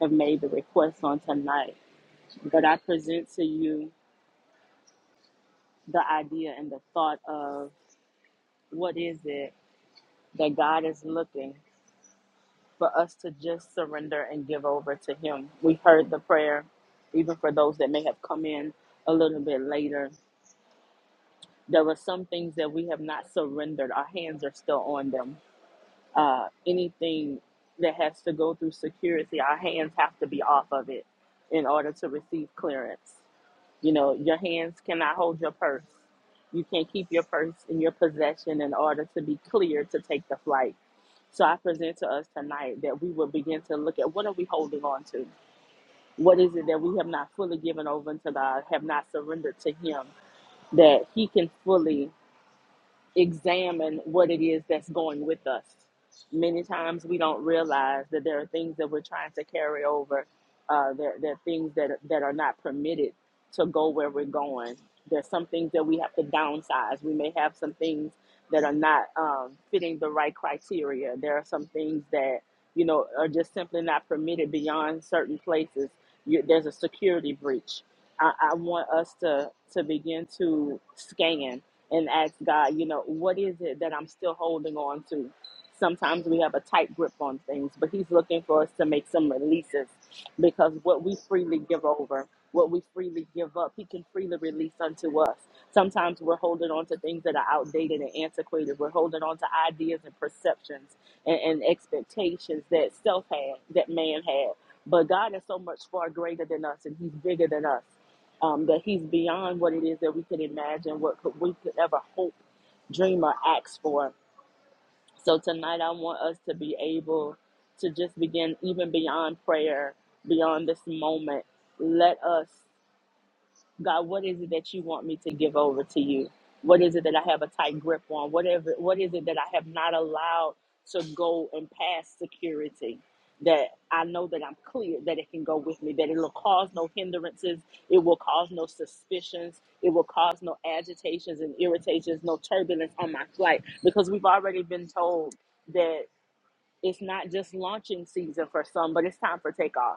C: have made the request on tonight, but I present to you the idea and the thought of what is it that God is looking for us to just surrender and give over to Him. We heard the prayer, even for those that may have come in a little bit later. There were some things that we have not surrendered, our hands are still on them. Uh, anything that has to go through security, our hands have to be off of it in order to receive clearance. You know, your hands cannot hold your purse. You can't keep your purse in your possession in order to be clear to take the flight. So I present to us tonight that we will begin to look at what are we holding on to? What is it that we have not fully given over to God, have not surrendered to Him, that He can fully examine what it is that's going with us. Many times we don't realize that there are things that we're trying to carry over. Uh, there, there are things that, that are not permitted to go where we're going. There's some things that we have to downsize. We may have some things that are not um, fitting the right criteria. There are some things that, you know, are just simply not permitted beyond certain places. You, there's a security breach. I, I want us to, to begin to scan and ask God, you know, what is it that I'm still holding on to? Sometimes we have a tight grip on things, but He's looking for us to make some releases because what we freely give over, what we freely give up, He can freely release unto us. Sometimes we're holding on to things that are outdated and antiquated. We're holding on to ideas and perceptions and, and expectations that self had, that man had. But God is so much far greater than us, and He's bigger than us um, that he's beyond what it is that we could imagine, what could, we could ever hope, dream, or ask for. So tonight, I want us to be able to just begin even beyond prayer, beyond this moment. Let us God, what is it that you want me to give over to you? What is it that I have a tight grip on? Whatever, what is it that I have not allowed to go and pass security? That I know that I'm clear, that it can go with me, that it'll cause no hindrances, it will cause no suspicions, it will cause no agitations and irritations, no turbulence on my flight, because we've already been told that it's not just launching season for some, but it's time for takeoff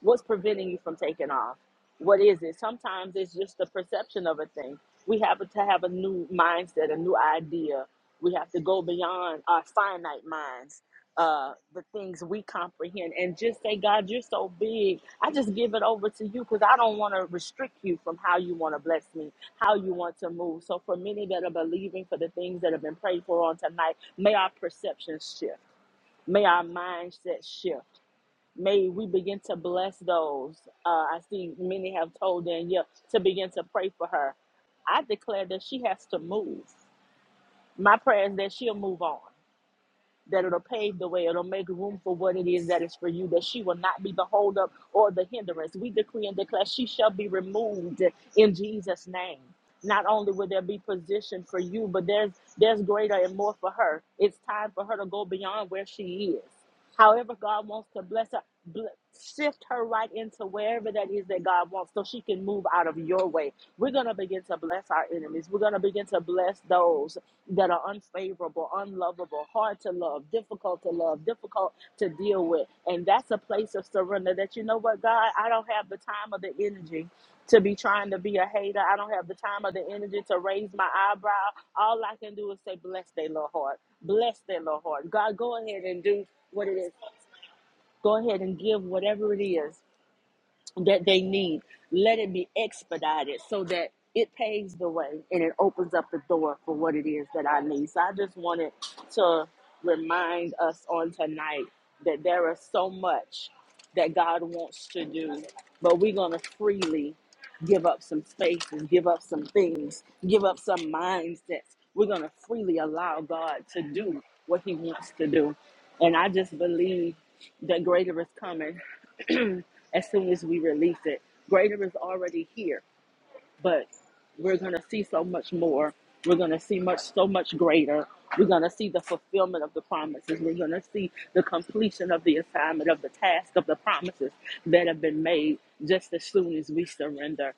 C: What's preventing you from taking off? What is it? Sometimes it's just the perception of a thing. We have to have a new mindset, a new idea. We have to go beyond our finite minds, uh, the things we comprehend, and just say, God, you're so big. I just give it over to you because I don't want to restrict you from how you want to bless me, how you want to move. So, for many that are believing for the things that have been prayed for on tonight, may our perceptions shift, may our mindset shift. May we begin to bless those. Uh, I see many have told Danielle to begin to pray for her. I declare that she has to move. My prayer is that she'll move on that it'll pave the way. It'll make room for what it is that is for you, that she will not be the holdup or the hindrance. We decree and declare she shall be removed in Jesus' name. Not only will there be position for you, but there's there's greater and more for her. It's time for her to go beyond where she is. However, God wants to bless her, bl- shift her right into wherever that is that God wants so she can move out of your way. We're going to begin to bless our enemies. We're going to begin to bless those that are unfavorable, unlovable, hard to love, difficult to love, difficult to deal with. And that's a place of surrender that, you know what, God, I don't have the time or the energy to be trying to be a hater. I don't have the time or the energy to raise my eyebrow. All I can do is say, bless their little heart. Bless their little heart. God, go ahead and do what it is. Go ahead and give whatever it is that they need. Let it be expedited so that it paves the way and it opens up the door for what it is that I need. So I just wanted to remind us on tonight that there is so much that God wants to do, but we're going to freely give up some spaces, give up some things, give up some mindsets. We're going to freely allow God to do what He wants to do. And I just believe that greater is coming. as soon as we release it. Greater is already here, but we're going to see so much more. We're going to see much, so much greater. We're going to see the fulfillment of the promises. We're going to see the completion of the assignment, of the task, of the promises that have been made just as soon as we surrender.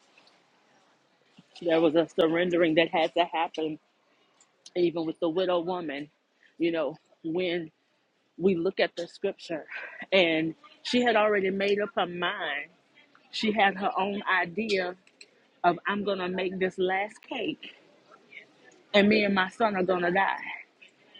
C: There was a surrendering that had to happen, even with the widow woman. You know, when we look at the scripture, and she had already made up her mind she had her own idea of I'm gonna make this last cake and me and my son are gonna die.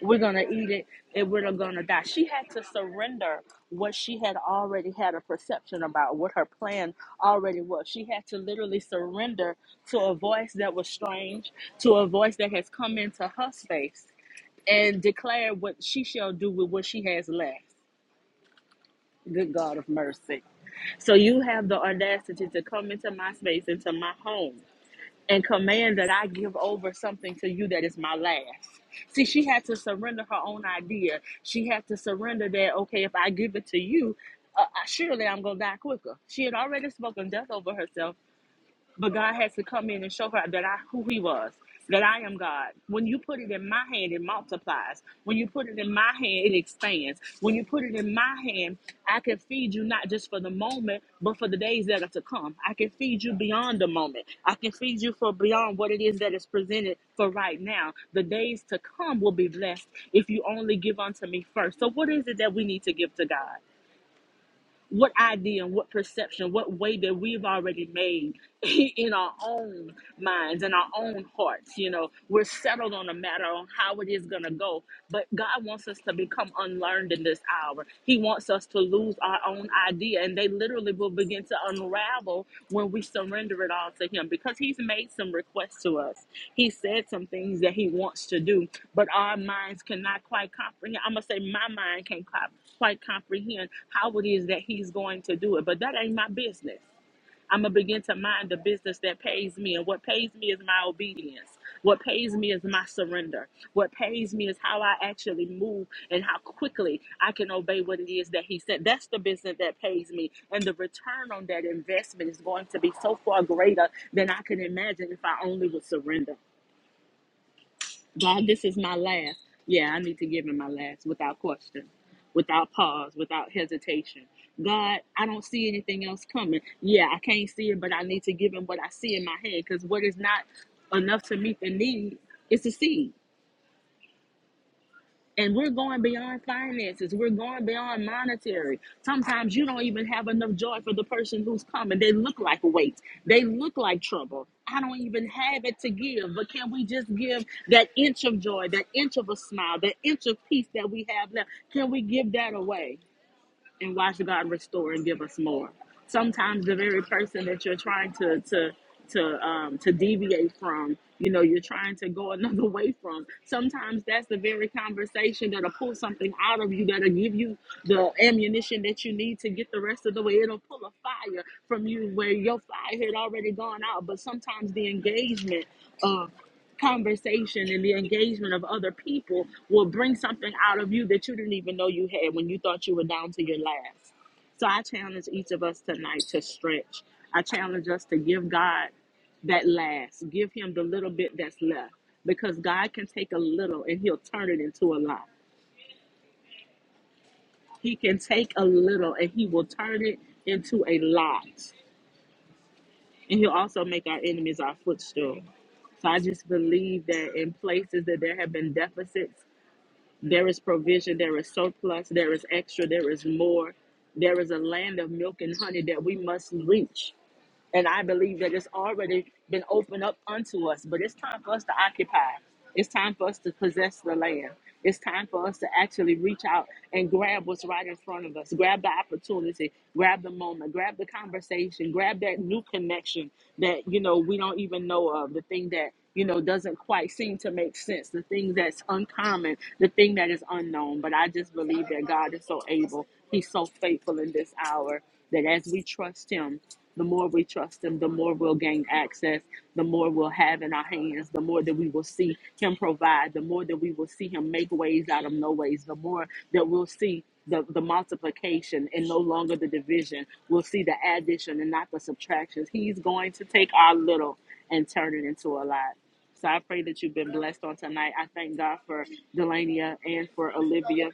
C: We're gonna eat it and we're gonna die. She had to surrender what she had already had a perception about, what her plan already was. She had to literally surrender to a voice that was strange, to a voice that has come into her space and declare what she shall do with what she has left. Good God of mercy. So you have the audacity to come into my space, into my home. and command that I give over something to you that is my last. See, she had to surrender her own idea. She had to surrender that, okay, if I give it to you, uh, I- surely I'm going to die quicker. She had already spoken death over herself but God has to come in and show her that I who He was, that I am God. When you put it in my hand, it multiplies. When you put it in my hand, it expands. When you put it in my hand, I can feed you not just for the moment, but for the days that are to come. I can feed you beyond the moment. I can feed you for beyond what it is that is presented for right now. The days to come will be blessed if you only give unto me first. So what is it that we need to give to God? what idea and what perception, what way that we've already made in our own minds and our own hearts. You know, we're settled on a matter on how it is going to go, but God wants us to become unlearned in this hour. He wants us to lose our own idea. And they literally literally will begin to unravel when we surrender it all to Him because He's made some requests to us. He said some things that He wants to do, but our minds cannot quite comprehend. I'm going to say my mind can't quite comprehend how it is that He's going to do it, but that ain't my business. I'm going to begin to mind the business that pays me. And what pays me is my obedience. What pays me is my surrender. What pays me is how I actually move and how quickly I can obey what it is that He said. That's the business that pays me. And the return on that investment is going to be so far greater than I can imagine if I only would surrender. God, this is my last. Yeah, I need to give him my last without question, without pause, without hesitation. God, I don't see anything else coming. Yeah, I can't see it, but I need to give him what I see in my hand because what is not enough to meet the need is a seed. And we're going beyond finances. We're going beyond monetary. Sometimes you don't even have enough joy for the person who's coming. They look like weight. They look like trouble. I don't even have it to give, but can we just give that inch of joy, that inch of a smile, that inch of peace that we have left? Can we give that away? and watch God restore and give us more. Sometimes the very person that you're trying to to to um, to deviate from, you know, you're trying to go another way from. Sometimes that's the very conversation that'll pull something out of you that'll give you the ammunition that you need to get the rest of the way. It'll pull a fire from you where your fire had already gone out. But sometimes the engagement. of conversation and the engagement of other people will bring something out of you that you didn't even know you had when you thought you were down to your last. So I challenge each of us tonight to stretch. I challenge us to give God that last, give Him the little bit that's left because God can take a little and He'll turn it into a lot. He can take a little and He will turn it into a lot. And He'll also make our enemies our footstool. So I just believe that in places that there have been deficits There is provision, there is surplus, there is extra, there is more. There is a land of milk and honey that we must reach. And I believe that it's already been opened up unto us, but it's time for us to occupy. It's time for us to possess the land. It's time for us to actually reach out and grab what's right in front of us. Grab the opportunity, grab the moment, grab the conversation, grab that new connection that you know we don't even know of. The thing that you know doesn't quite seem to make sense the thing that's uncommon the thing that is unknown but i just believe that god is so able he's so faithful in this hour that as we trust him the more we trust him the more we'll gain access the more we'll have in our hands the more that we will see him provide the more that we will see him make ways out of no ways the more that we'll see the, the multiplication and no longer the division we'll see the addition and not the subtractions he's going to take our little and turn it into a lot. So I pray that you've been blessed on tonight. I thank God for Delania and for Olivia.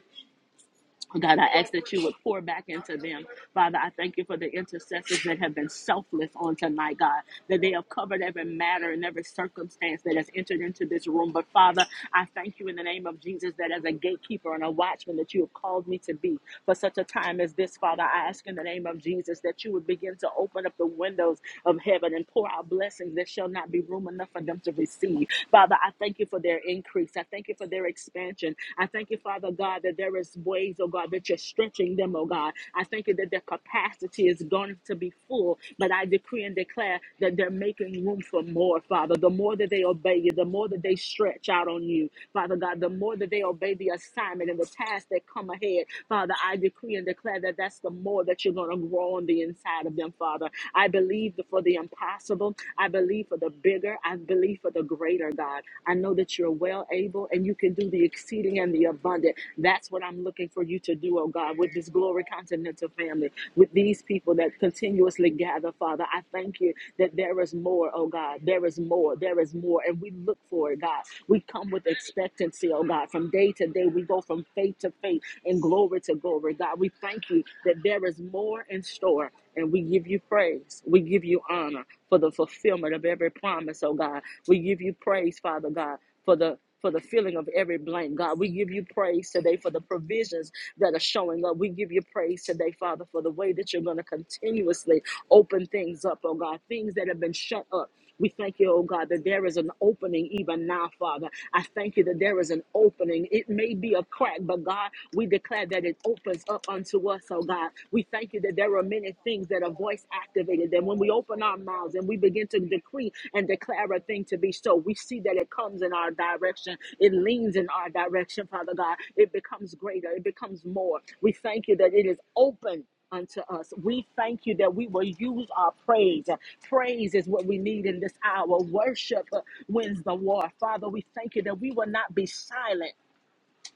C: God, I ask that you would pour back into them. Father, I thank you for the intercessors that have been selfless on tonight, God, that they have covered every matter and every circumstance that has entered into this room. But Father, I thank you in the name of Jesus that as a gatekeeper and a watchman that you have called me to be for such a time as this, Father, I ask in the name of Jesus that you would begin to open up the windows of heaven and pour out blessings that shall not be room enough for them to receive. Father, I thank you for their increase. I thank you thank you for their expansion. I thank you, Father God, that there is ways, oh God, that you're stretching them, oh God. I thank you that their capacity is going to be full, but I decree and declare that they're making room for more, Father. The more that they obey you, the more that they stretch out on you, Father God, the more that they obey the assignment and the tasks that come ahead, Father, I decree and declare that that's the more that you're going to grow on the inside of them, Father. I believe for the impossible. I believe for the bigger bigger. I believe for the greater, God. I know that you're well able and you can do the exceeding and the abundant. That's what I'm looking for you to do, oh God, with this Glory Continental family, with these people that continuously gather, Father. I thank you that there is more, oh God. There is more. There is more. And we look for it, God. We come with expectancy, oh God. From day to day, we go from faith to faith and glory to glory, God. We thank you that there is more in store. And we give you praise. We give you honor for the fulfillment of every promise, oh God. We give you praise, Father God, for the for the filling of every blank, God. We give you praise today for the provisions that are showing up. We give you praise today, Father, for the way that you're going to continuously open things up, oh God, things that have been shut up. We thank you, oh God, that there is an opening even now, Father. I thank you that there is an opening. It may be a crack, but God, we declare that it opens up unto us, oh God. We thank you that there are many things that are voice activated, that when we open our mouths and we begin to decree and declare a thing to be so, we see that it comes in our direction. It leans in our direction, Father God. It becomes greater, it becomes more. We thank you that it is open unto us. We thank you that we will use our praise. Praise is what we need in this hour. Worship uh, wins the war. Father, we thank you that we will not be silent,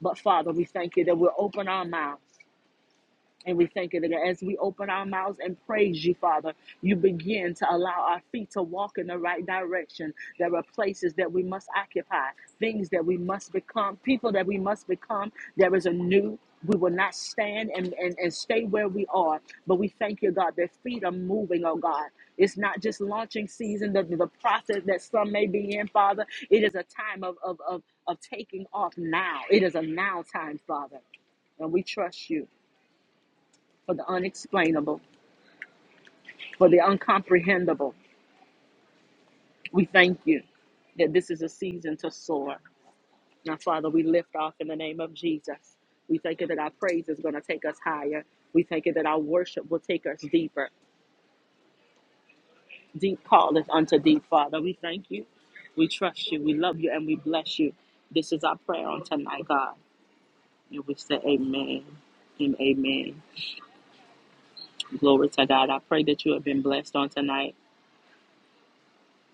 C: but Father, we thank you that we'll open our mouth. And we thank you that as we open our mouths and praise you, Father, you begin to allow our feet to walk in the right direction. There are places that we must occupy, things that we must become, people that we must become. There is a new. We will not stand and, and, and stay where we are. But we thank you, God, that feet are moving, oh God. It's not just launching season, the, the process that some may be in, Father. It is a time of, of, of, of taking off now. It is a now time, Father. And we trust you for the unexplainable, for the uncomprehendable. We thank you that this is a season to soar. Now, Father, we lift off in the name of Jesus. We thank you that our praise is going to take us higher. We thank you that our worship will take us deeper. Deep calleth unto deep, Father. We thank you. We trust you. We love you and we bless you. This is our prayer on tonight, God. And we say amen and amen. Glory to God. I pray that you have been blessed on tonight.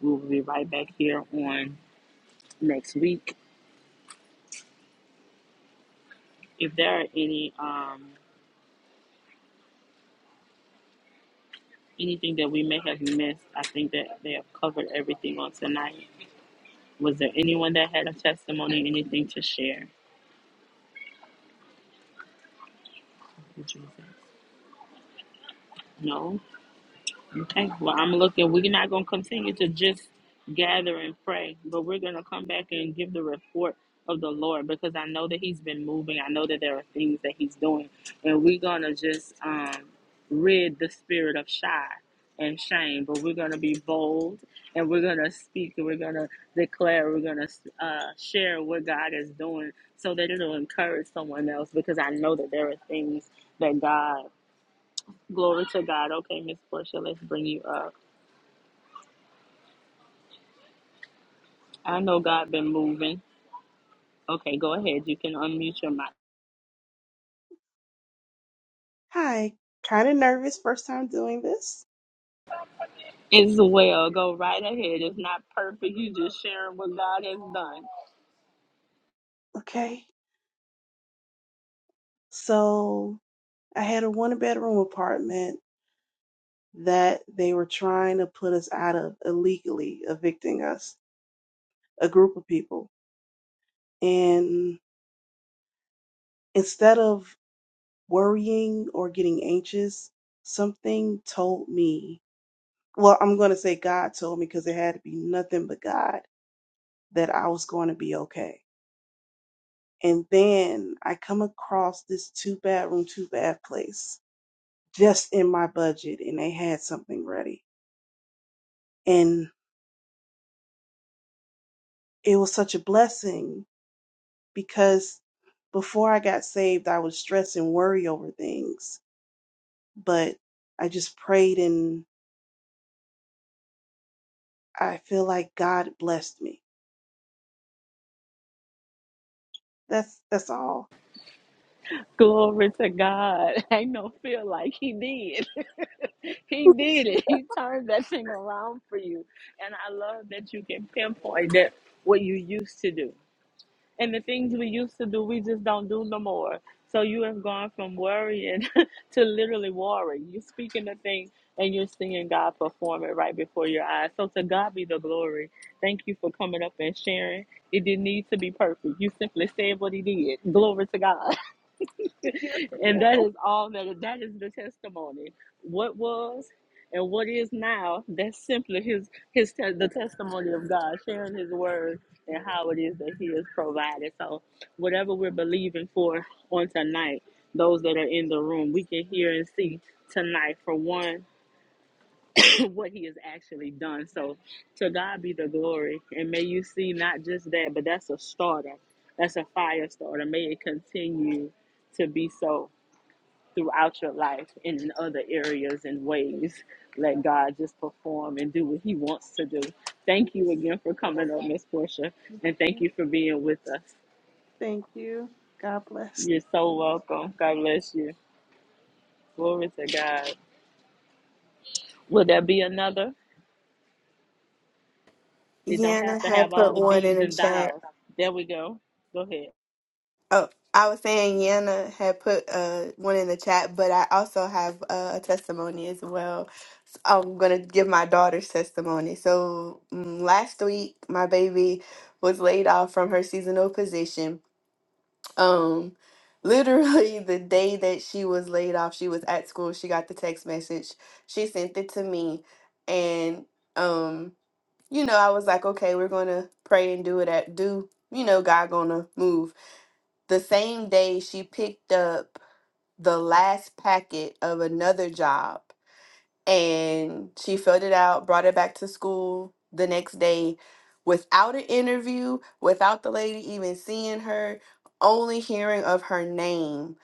C: We will be right back here on next week. if there are any um, anything that we may have missed, I think that they have covered everything on tonight. Was there anyone that had a testimony, anything to share? Jesus. No. Okay, well, I'm looking. We're not going to continue to just gather and pray, but we're going to come back and give the report of the Lord because I know that He's been moving. I know that there are things that He's doing. And we're going to just um, rid the spirit of shy and shame, but we're going to be bold and we're going to speak and we're going to declare, we're going to uh, share what God is doing so that it'll encourage someone else because I know that there are things that God. Glory to God. Okay, Miss Portia, let's bring you up. I know God been moving. Okay, go ahead. You can unmute your mic.
D: Hi, kind of nervous, first time doing this.
C: It's well. Go right ahead. It's not perfect. You just sharing what God has done.
D: Okay, so I had a one bedroom apartment that they were trying to put us out of illegally, evicting us, a group of people. And instead of worrying or getting anxious, something told me, well, I'm going to say God told me because it had to be nothing but God that I was going to be okay. And then I come across this two bedroom, two bath place just in my budget and they had something ready. And it was such a blessing because before I got saved, I would stress and worry over things, but I just prayed and I feel like God blessed me. That's that's all.
C: Glory to God. Ain't no feel like He did. he did it. He turned that thing around for you. And I love that you can pinpoint that what you used to do. And the things we used to do, we just don't do no more. So you have gone from worrying to literally warring. You're speaking the thing and you're seeing God perform it right before your eyes. So to God be the glory. Thank you for coming up and sharing. It didn't need to be perfect. You simply said what he did. Glory to God
D: Yes,
C: and that
D: Lord.
C: is all that that is the testimony what was and what is now that's simply his his te- the testimony of god sharing his word and how it is that he has provided so whatever we're believing for on tonight those that are in the room we can hear and see tonight for one what he has actually done so to god be the glory and may you see not just that but that's a starter that's a fire starter may it continue to be so throughout your life and in other areas and ways. Let God just perform and do what He wants to do. Thank you again for coming on, Miss Portia, and thank you for being with us.
D: Thank you. God bless.
C: You're so welcome. God bless you. Glory to God. Will there be another? It don't have
A: Yana
C: to
A: had
C: have all
A: put
C: the
A: one in
C: B's
A: the
C: and
A: chat.
C: dials. There we go. Go ahead.
A: Oh, I was saying Yana had put uh, one in the chat, but I also have uh, a testimony as well. I'm going to give my daughter's testimony. So mm, last week, my baby was laid off from her seasonal position. Um, literally, the day that she was laid off, she was at school. She got the text message. She sent it to me. And, um, you know, I was like, okay, we're going to pray and do it at do. You know, God going to move. The same day, she picked up the last packet of another job and she filled it out, brought it back to school the next day without an interview, without the lady even seeing her, only hearing of her name.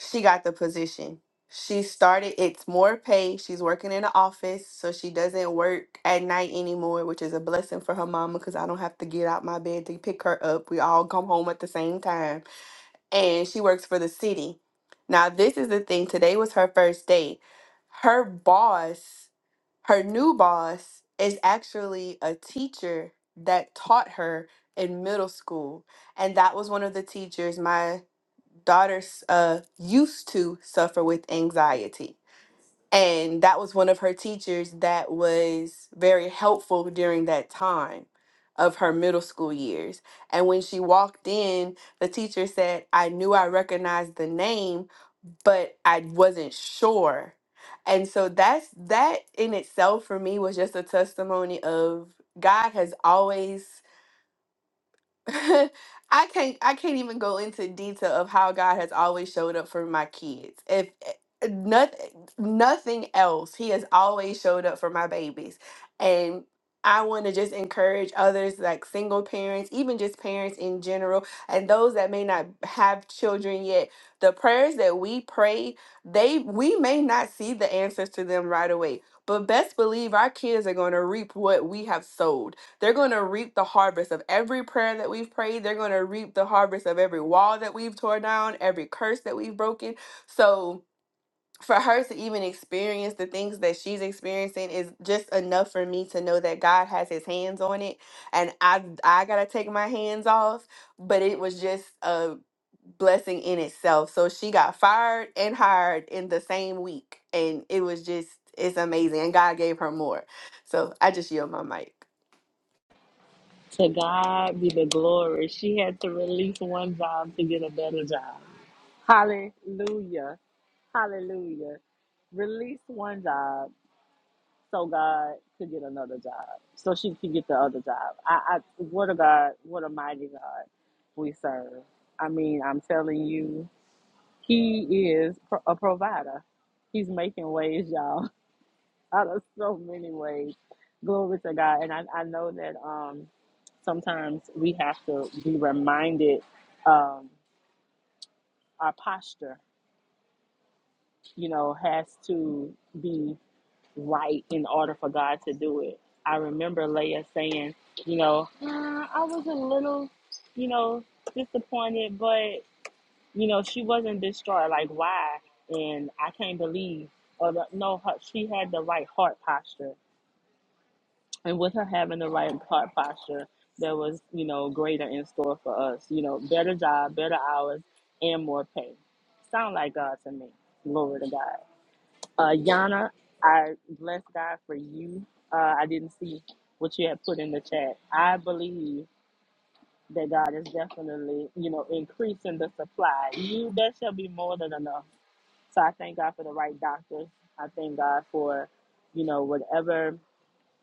A: She got the position. She started, it's more pay. She's working in the office, so she doesn't work at night anymore, which is a blessing for her mama because I don't have to get out my bed to pick her up. We all come home at the same time and she works for the city. Now, this is the thing. Today was her first day. Her boss, her new boss, is actually a teacher that taught her in middle school. And that was one of the teachers my daughter uh, used to suffer with anxiety. And that was one of her teachers that was very helpful during that time of her middle school years. And when she walked in, the teacher said, I knew I recognized the name, but I wasn't sure. And so that's that in itself for me was just a testimony of God has always I can't I can't even go into detail of how God has always showed up for my kids. If eh, nothing nothing else, he has always showed up for my babies. And I want to just encourage others like single parents, even just parents in general, and those that may not have children yet. The prayers that we pray, they we may not see the answers to them right away, but best believe our kids are going to reap what we have sowed they're going to reap the harvest of every prayer that we've prayed. They're going to reap the harvest of every wall that we've torn down, every curse that we've broken. So for her to even experience the things that she's experiencing is just enough for me to know that God has his hands on it and I I got to take my hands off, but it was just a blessing in itself. So she got fired and hired in the same week and it was just it's amazing and God gave her more. So I just yield my mic.
C: To God be the glory. She had to release one job to get a better job. Hallelujah. Hallelujah. Release one job so God could get another job, so she could get the other job. I, I what a God, what a mighty God we serve. I mean, I'm telling you, He is pro- a provider. He's making ways, y'all, out of so many ways. Glory to God, and I, I know that um, sometimes we have to be reminded um, our posture, you know, has to be. right in order for God to do it. I remember Leah saying, you know, uh, I was a little, you know, disappointed, but you know, she wasn't distraught. Like why? And I can't believe, or the, no, her, she had the right heart posture, and with her having the right heart posture, there was, you know, greater in store for us. You know, better job, better hours, and more pay. Sound like God to me. Glory to God. Uh, Yana, I bless God for you. Uh, I didn't see what you had put in the chat. I believe that God is definitely, you know, increasing the supply. You, that shall be more than enough. So I thank God for the right doctors. I thank God for, you know, whatever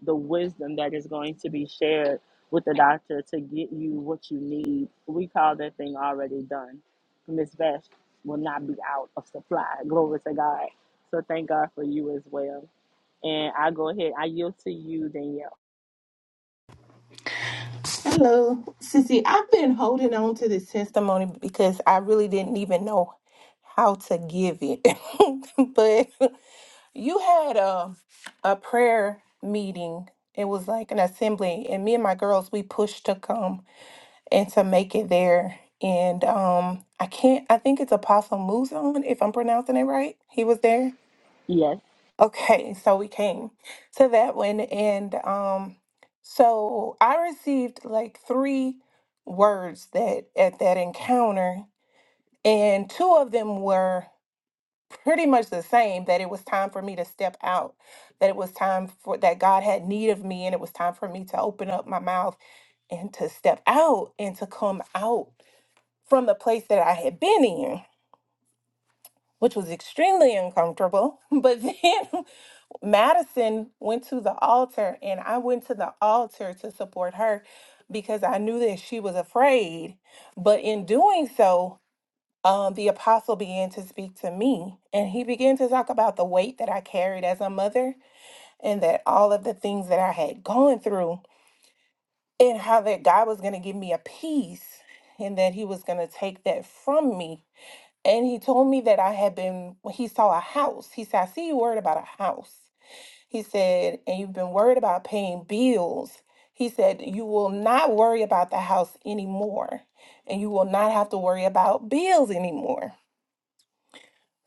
C: the wisdom that is going to be shared with the doctor to get you what you need. We call that thing already done. Miss Beth will not be out of supply. Glory to God. So thank God for you as well. And I go ahead, I yield to you, Danielle.
E: Hello, Sissy. I've been holding on to this testimony because I really didn't even know how to give it. but you had a a prayer meeting. It was like an assembly, and me and my girls we pushed to come and to make it there. And um, I can't. I think it's Apostle Muzon, if I'm pronouncing it right. He was there.
C: Yes,
E: Okay, so we came to that one, and um, so I received like three words that at that encounter, and two of them were pretty much the same that it was time for me to step out, that it was time for that God had need of me, and it was time for me to open up my mouth and to step out and to come out from the place that I had been in, which was extremely uncomfortable. But then Madison went to the altar, and I went to the altar to support her because I knew that she was afraid. But in doing so, um, the apostle began to speak to me, and he began to talk about the weight that I carried as a mother and that all of the things that I had gone through, and how that God was going to give me a peace and that he was going to take that from me. And he told me that I had been, he saw a house. He said, I see you worried about a house. He said, and you've been worried about paying bills. He said, you will not worry about the house anymore, and you will not have to worry about bills anymore.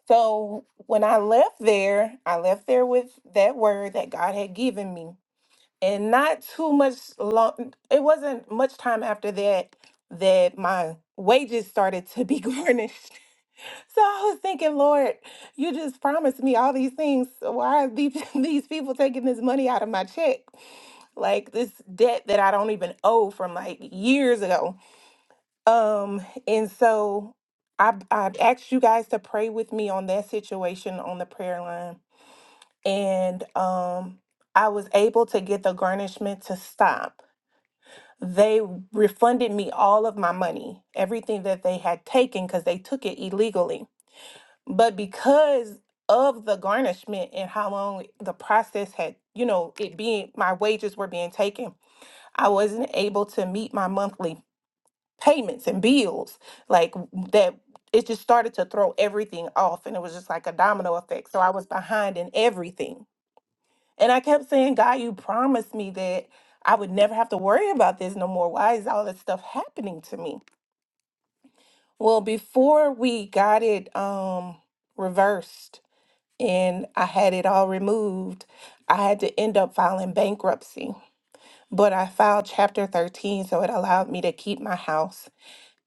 E: So when I left there, I left there with that word that God had given me. And not too much long, it wasn't much time after that that my wages started to be garnished. So I was thinking, Lord, you just promised me all these things. So why are these, these people taking this money out of my check? Like this debt that I don't even owe from like years ago. Um, and so I I asked you guys to pray with me on that situation on the prayer line. And um I was able to get the garnishment to stop. They refunded me all of my money, everything that they had taken because they took it illegally but because of the garnishment and how long the process had you know it being my wages were being taken i wasn't able to meet my monthly payments and bills like that it just started to throw everything off and it was just like a domino effect so i was behind in everything and i kept saying god you promised me that i would never have to worry about this no more why is all this stuff happening to me well before we got it um reversed and I had it all removed, I had to end up filing bankruptcy. But I filed Chapter 13, so it allowed me to keep my house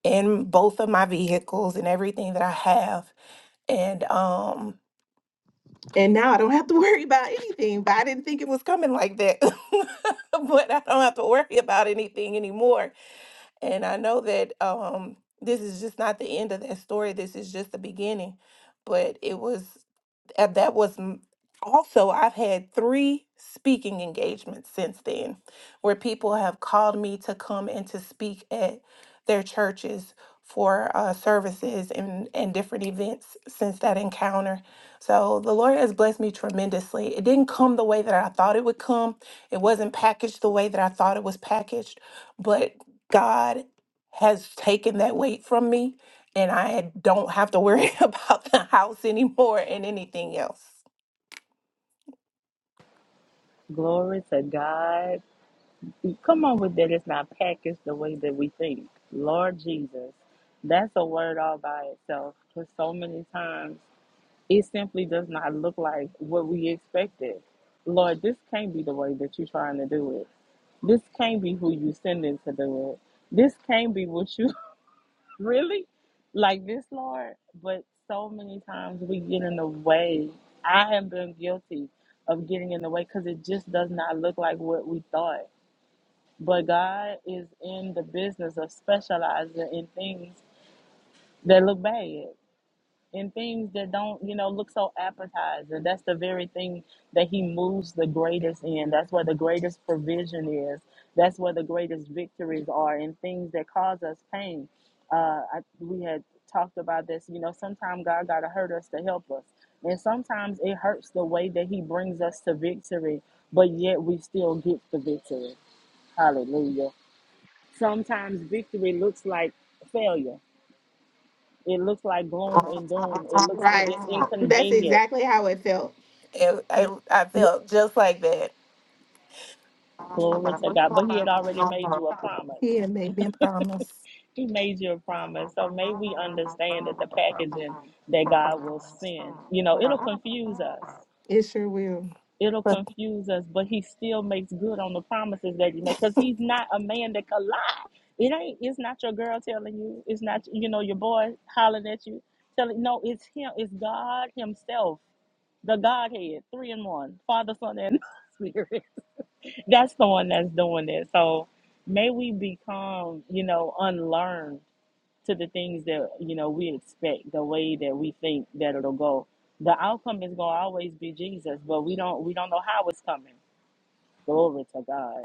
E: and both of my vehicles and everything that I have. And um, and now I don't have to worry about anything. But I didn't think it was coming like that. but I don't have to worry about anything anymore. And I know that um, this is just not the end of that story. This is just the beginning. But it was and that was m- also I've had three speaking engagements since then where people have called me to come and to speak at their churches for uh, services and, and different events since that encounter. So the Lord has blessed me tremendously. It didn't come the way that I thought it would come. It wasn't packaged the way that I thought it was packaged, but God has taken that weight from me and I don't have to worry about the house anymore and anything else.
C: glory to God. Come on with that. It's not packaged the way that we think. Lord Jesus, that's a word all by itself. Because so many times it simply does not look like what we expected. Lord, this can't be the way that you're trying to do it. This can't be who you send it to do it. This can't be what you really like this, Lord. But so many times we get in the way. I have been guilty of getting in the way because it just does not look like what we thought. But God is in the business of specializing in things that look bad and things that don't, you know, look so appetizing. That's the very thing that he moves the greatest in. That's where the greatest provision is. That's where the greatest victories are in things that cause us pain. Uh, I, we had talked about this. You know, sometimes God got to hurt us to help us. And sometimes it hurts the way that he brings us to victory, but yet we still get the victory. Hallelujah. Sometimes victory looks like failure it looks like gloom and doom. It looks it-
E: Right.
C: it's
E: That's
C: inconvenient.
E: exactly how it felt. It, I, I
C: Yeah,
E: felt just like that.
C: glory to God. But He had already made you a promise.
E: Yeah, made me promise.
C: He made you a promise. So may we understand that the packaging that God will send, you know, it'll confuse us.
E: It sure will.
C: it'll confuse us, but he still makes good on the promises that he made because he's not a man that can lie. It ain't. It's not your girl telling you. It's not you know your boy hollering at you. Telling no, it's him. It's God Himself, the Godhead, three in one, Father, Son, and Spirit. That's the one that's doing it. So may we become you know unlearned to the things that you know we expect the way that we think that it'll go the outcome is going to always be jesus but we don't we don't know how it's coming glory to god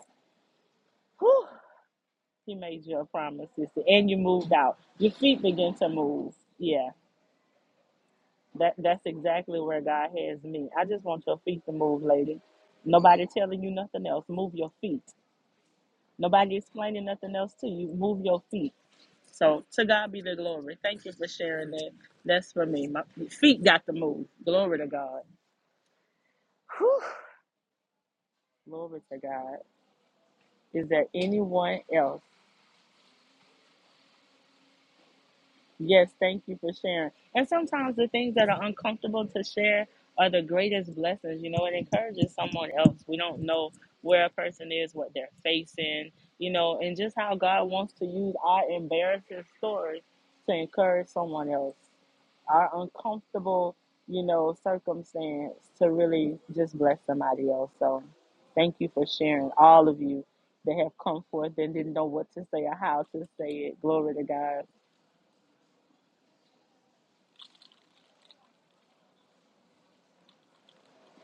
C: he made you a promise sister and you moved out your feet begin to move yeah that that's exactly where god has me i just want your feet to move lady nobody telling you nothing else move your feet nobody explaining nothing else to you move your feet So to God be the glory. Thank you for sharing that. That's for me. My feet got to move. Glory to God. Glory to God. Is there anyone else? Yes, thank you for sharing. And sometimes the things that are uncomfortable to share are the greatest blessings. You know, it encourages someone else. We don't know where a person is, what they're facing, you know, and just how God wants to use our embarrassing stories to encourage someone else. our uncomfortable, you know, circumstance to really just bless somebody else. So thank you for sharing all of you that have come forth and didn't know what to say or how to say it. Glory to God.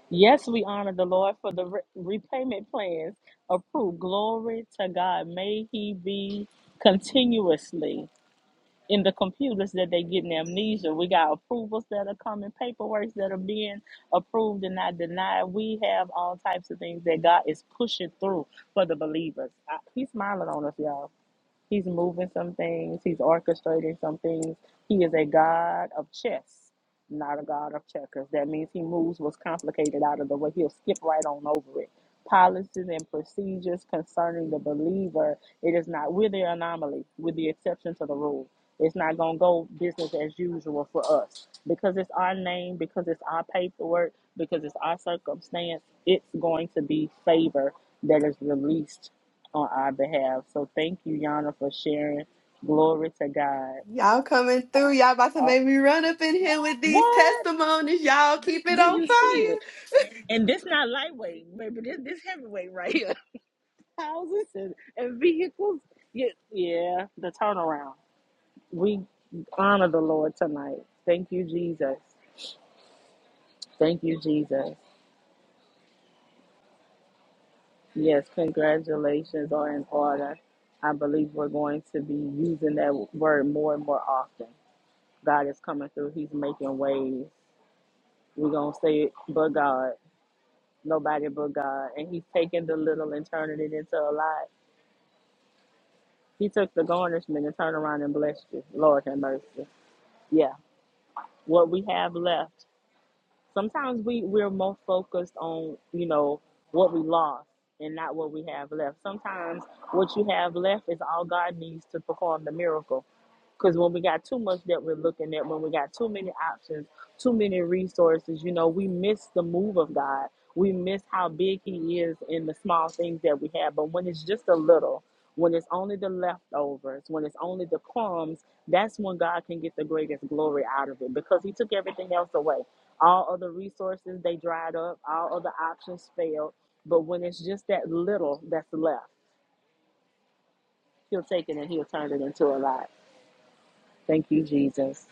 C: Yes, we honor the Lord for the re- repayment plans approved. Glory to God. May He be continuously. in the computers that they getting amnesia. We got approvals that are coming, paperwork that are being approved and not denied. We have all types of things that God is pushing through for the believers. I, he's smiling on us, y'all. He's moving some things, he's orchestrating some things. He is a god of chess, not a god of checkers. That means he moves what's complicated out of the way. He'll skip right on over it. Policies and procedures concerning the believer, it is not, we're the anomaly, we're the exception to the rule. It's not going to go business as usual for us because it's our name, because it's our paperwork, because it's our circumstance. It's going to be favor that is released on our behalf. So thank you, Yana, for sharing. Glory to God.
A: Y'all coming through. Y'all about to
C: Uh,
A: make me run up in here with these
C: what
A: testimonies. Y'all keep it
C: do
A: on
C: you see
A: fire.
C: it? And, and this not lightweight, baby. This this heavyweight right here. Houses and, and vehicles. Yeah, yeah. The turnaround. We honor the Lord tonight. Thank you, Jesus. Thank you, Jesus. Yes, congratulations are in order. I believe we're going to be using that word more and more often. God is coming through. He's making ways. We're gonna say it, but God, nobody but God. And he's taking the little and turning it into a lot. He took the garnishment and turned around and blessed you. Lord have mercy. Yeah. What we have left. sometimes we we're more focused on you know what we lost and not what we have left sometimes what you have left is all god needs to perform the miracle because when we got too much that we're looking at when we got too many options too many resources you know we miss the move of god we miss how big he is in the small things that we have but when it's just a little when it's only the leftovers when it's only the crumbs that's when god can get the greatest glory out of it because he took everything else away all other resources, they dried up. All other options failed. But when it's just that little that's left, he'll take it and he'll turn it into a lot. Thank you, Jesus.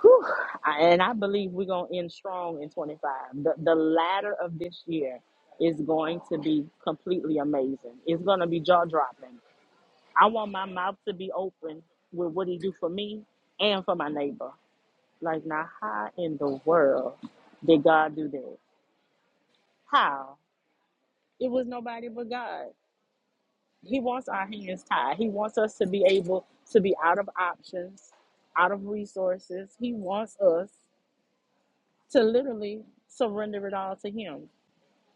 C: Whew. I- And I believe we're going to end strong in 25. The, the latter of this year is going to be completely amazing. It's going to be jaw dropping. I want my mouth to be open with what he do for me and for my neighbor. Like, now, how in the world did God do that? How? It was nobody but God. He wants our hands tied. He wants us to be able to be out of options, out of resources. He wants us to literally surrender it all to Him.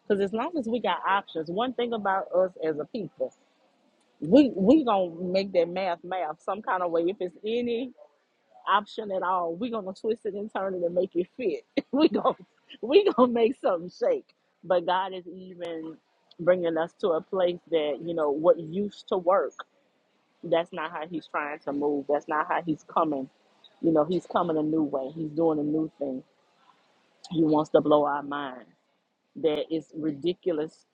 C: Because as long as we got options, one thing about us as a people, we we gonna make that math math some kind of way. If it's any option at all. We're gonna twist it and turn it and make it fit. we gonna we gonna make something shake. But God is even bringing us to a place that you know what used to work. That's not how He's trying to move. That's not how He's coming. You know, He's coming a new way. He's doing a new thing. He wants to blow our mind that is ridiculous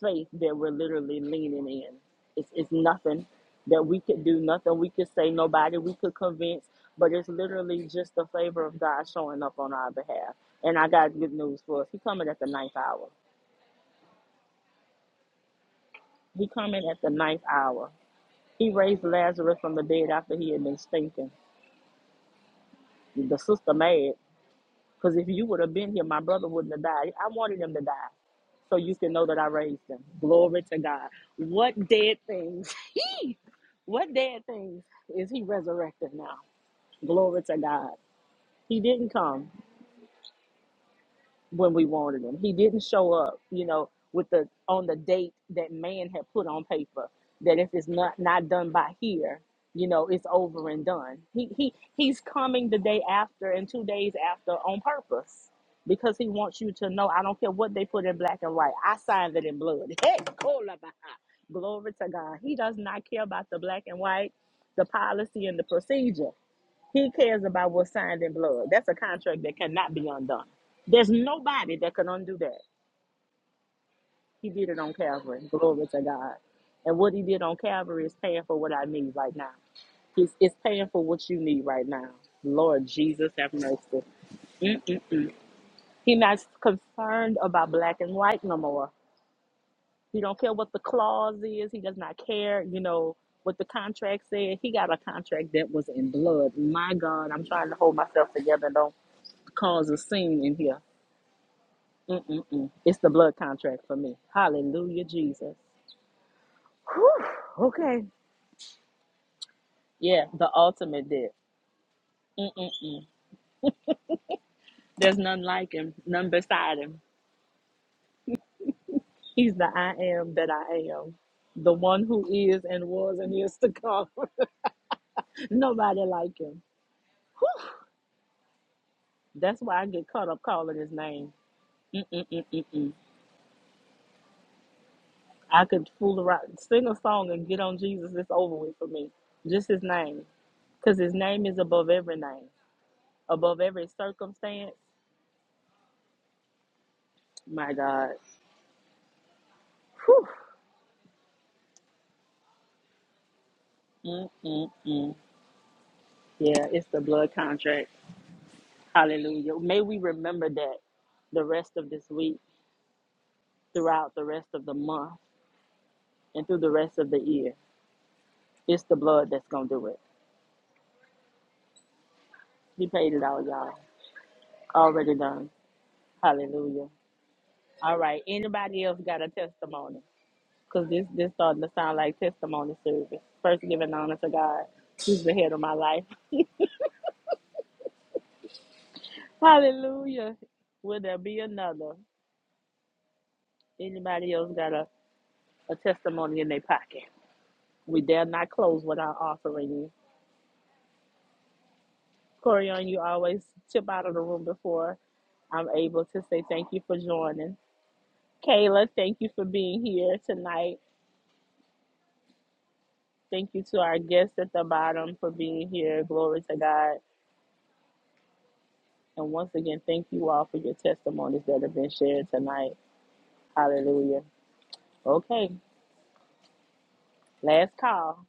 C: faith that we're literally leaning in. It's, it's nothing that we could do, nothing we could say, nobody we could convince, but it's literally just the favor of God showing up on our behalf. And I got good news for us. He coming at the ninth hour. He coming at the ninth hour. He raised Lazarus from the dead after he had been stinking. The sister mad. Because if you would have been here, my brother wouldn't have died. I wanted him to die so you can know that I raised him. Glory to God. What dead things, he, what dead things is he resurrected now? Glory to God. He didn't come when we wanted him. He didn't show up, you know, with the on the date that man had put on paper that if it's not not done by here, you know, it's over and done. He he he's coming the day after and two days after on purpose because he wants you to know. I don't care what they put in black and white. I signed it in blood. Hey, kola glory to God. He does not care about the black and white, the policy and the procedure. He cares about what's signed in blood. That's a contract that cannot be undone. There's nobody that can undo that. He did it on Calvary. Glory to God. And what he did on Calvary is paying for what I need right now. He's it's paying for what you need right now. Lord Jesus, have mercy. Mm-mm. He not concerned about black and white no more. He don't care what the clause is. He does not care, you know, what the contract said. He got a contract that was in blood. My God, I'm trying to hold myself together. and Don't cause a scene in here. Mm-mm-mm. It's the blood contract for me. Hallelujah, Jesus. Whew, okay. Yeah, the ultimate dip. Mm-mm-mm. There's none like him, none beside him. He's the I am that I am, the one who is and was and is to come. Nobody like him. That's why I get caught up calling his name. Mm-mm-mm. I could fool around, sing a song and get on Jesus. It's over with for me. Just his name. Because his name is above every name, above every circumstance. My God. Whew. Mm, mm, mm. Yeah, it's the blood contract. Hallelujah. May we remember that the rest of this week, throughout the rest of the month, and through the rest of the year. It's the blood that's going to do it. He paid it all, y'all. Already done. Hallelujah. All right. Anybody else got a testimony? Because this, this starting to sound like testimony service. First, giving honor to God, who's the head of my life. Hallelujah. Will there be another? Anybody else got a, a testimony in their pocket? We dare not close without offering you. Corian, you always tip out of the room before I'm able to say thank you for joining. Kayla, thank you for being here tonight. Thank you to our guests at the bottom for being here. Glory to God. And once again, thank you all for your testimonies that have been shared tonight. Hallelujah. Okay, last call.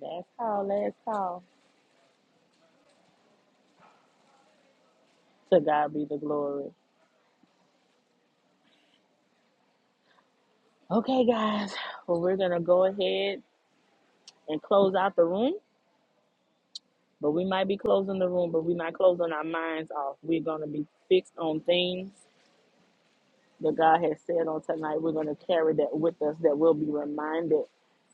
C: Last call, last call. To God be the glory. Okay, guys. Well, we're going to go ahead and close out the room. But we might be closing the room, but we're not closing our minds off. We're going to be fixed on things that God has said on tonight. We're going to carry that with us, that we'll be reminded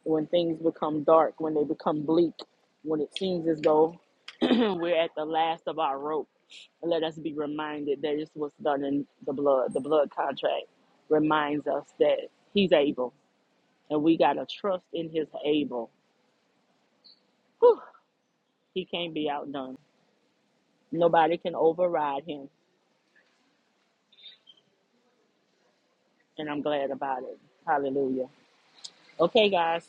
C: when things become dark, when they become bleak, when it seems as though we're at the last of our rope. Let us be reminded that it's what's done in the blood. The blood contract reminds us that He's able, and we got to trust in His able. Whew, he can't be outdone. Nobody can override Him. and I'm glad about it. Hallelujah. Okay, guys.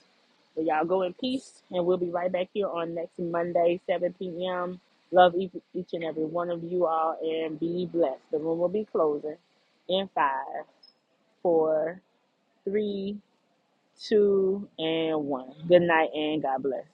C: Well, y'all go in peace, and we'll be right back here on next Monday, 7 p.m. Love each, each and every one of you all, and be blessed. The room will be closing in five, four, three, two, and one. Good night, and God bless.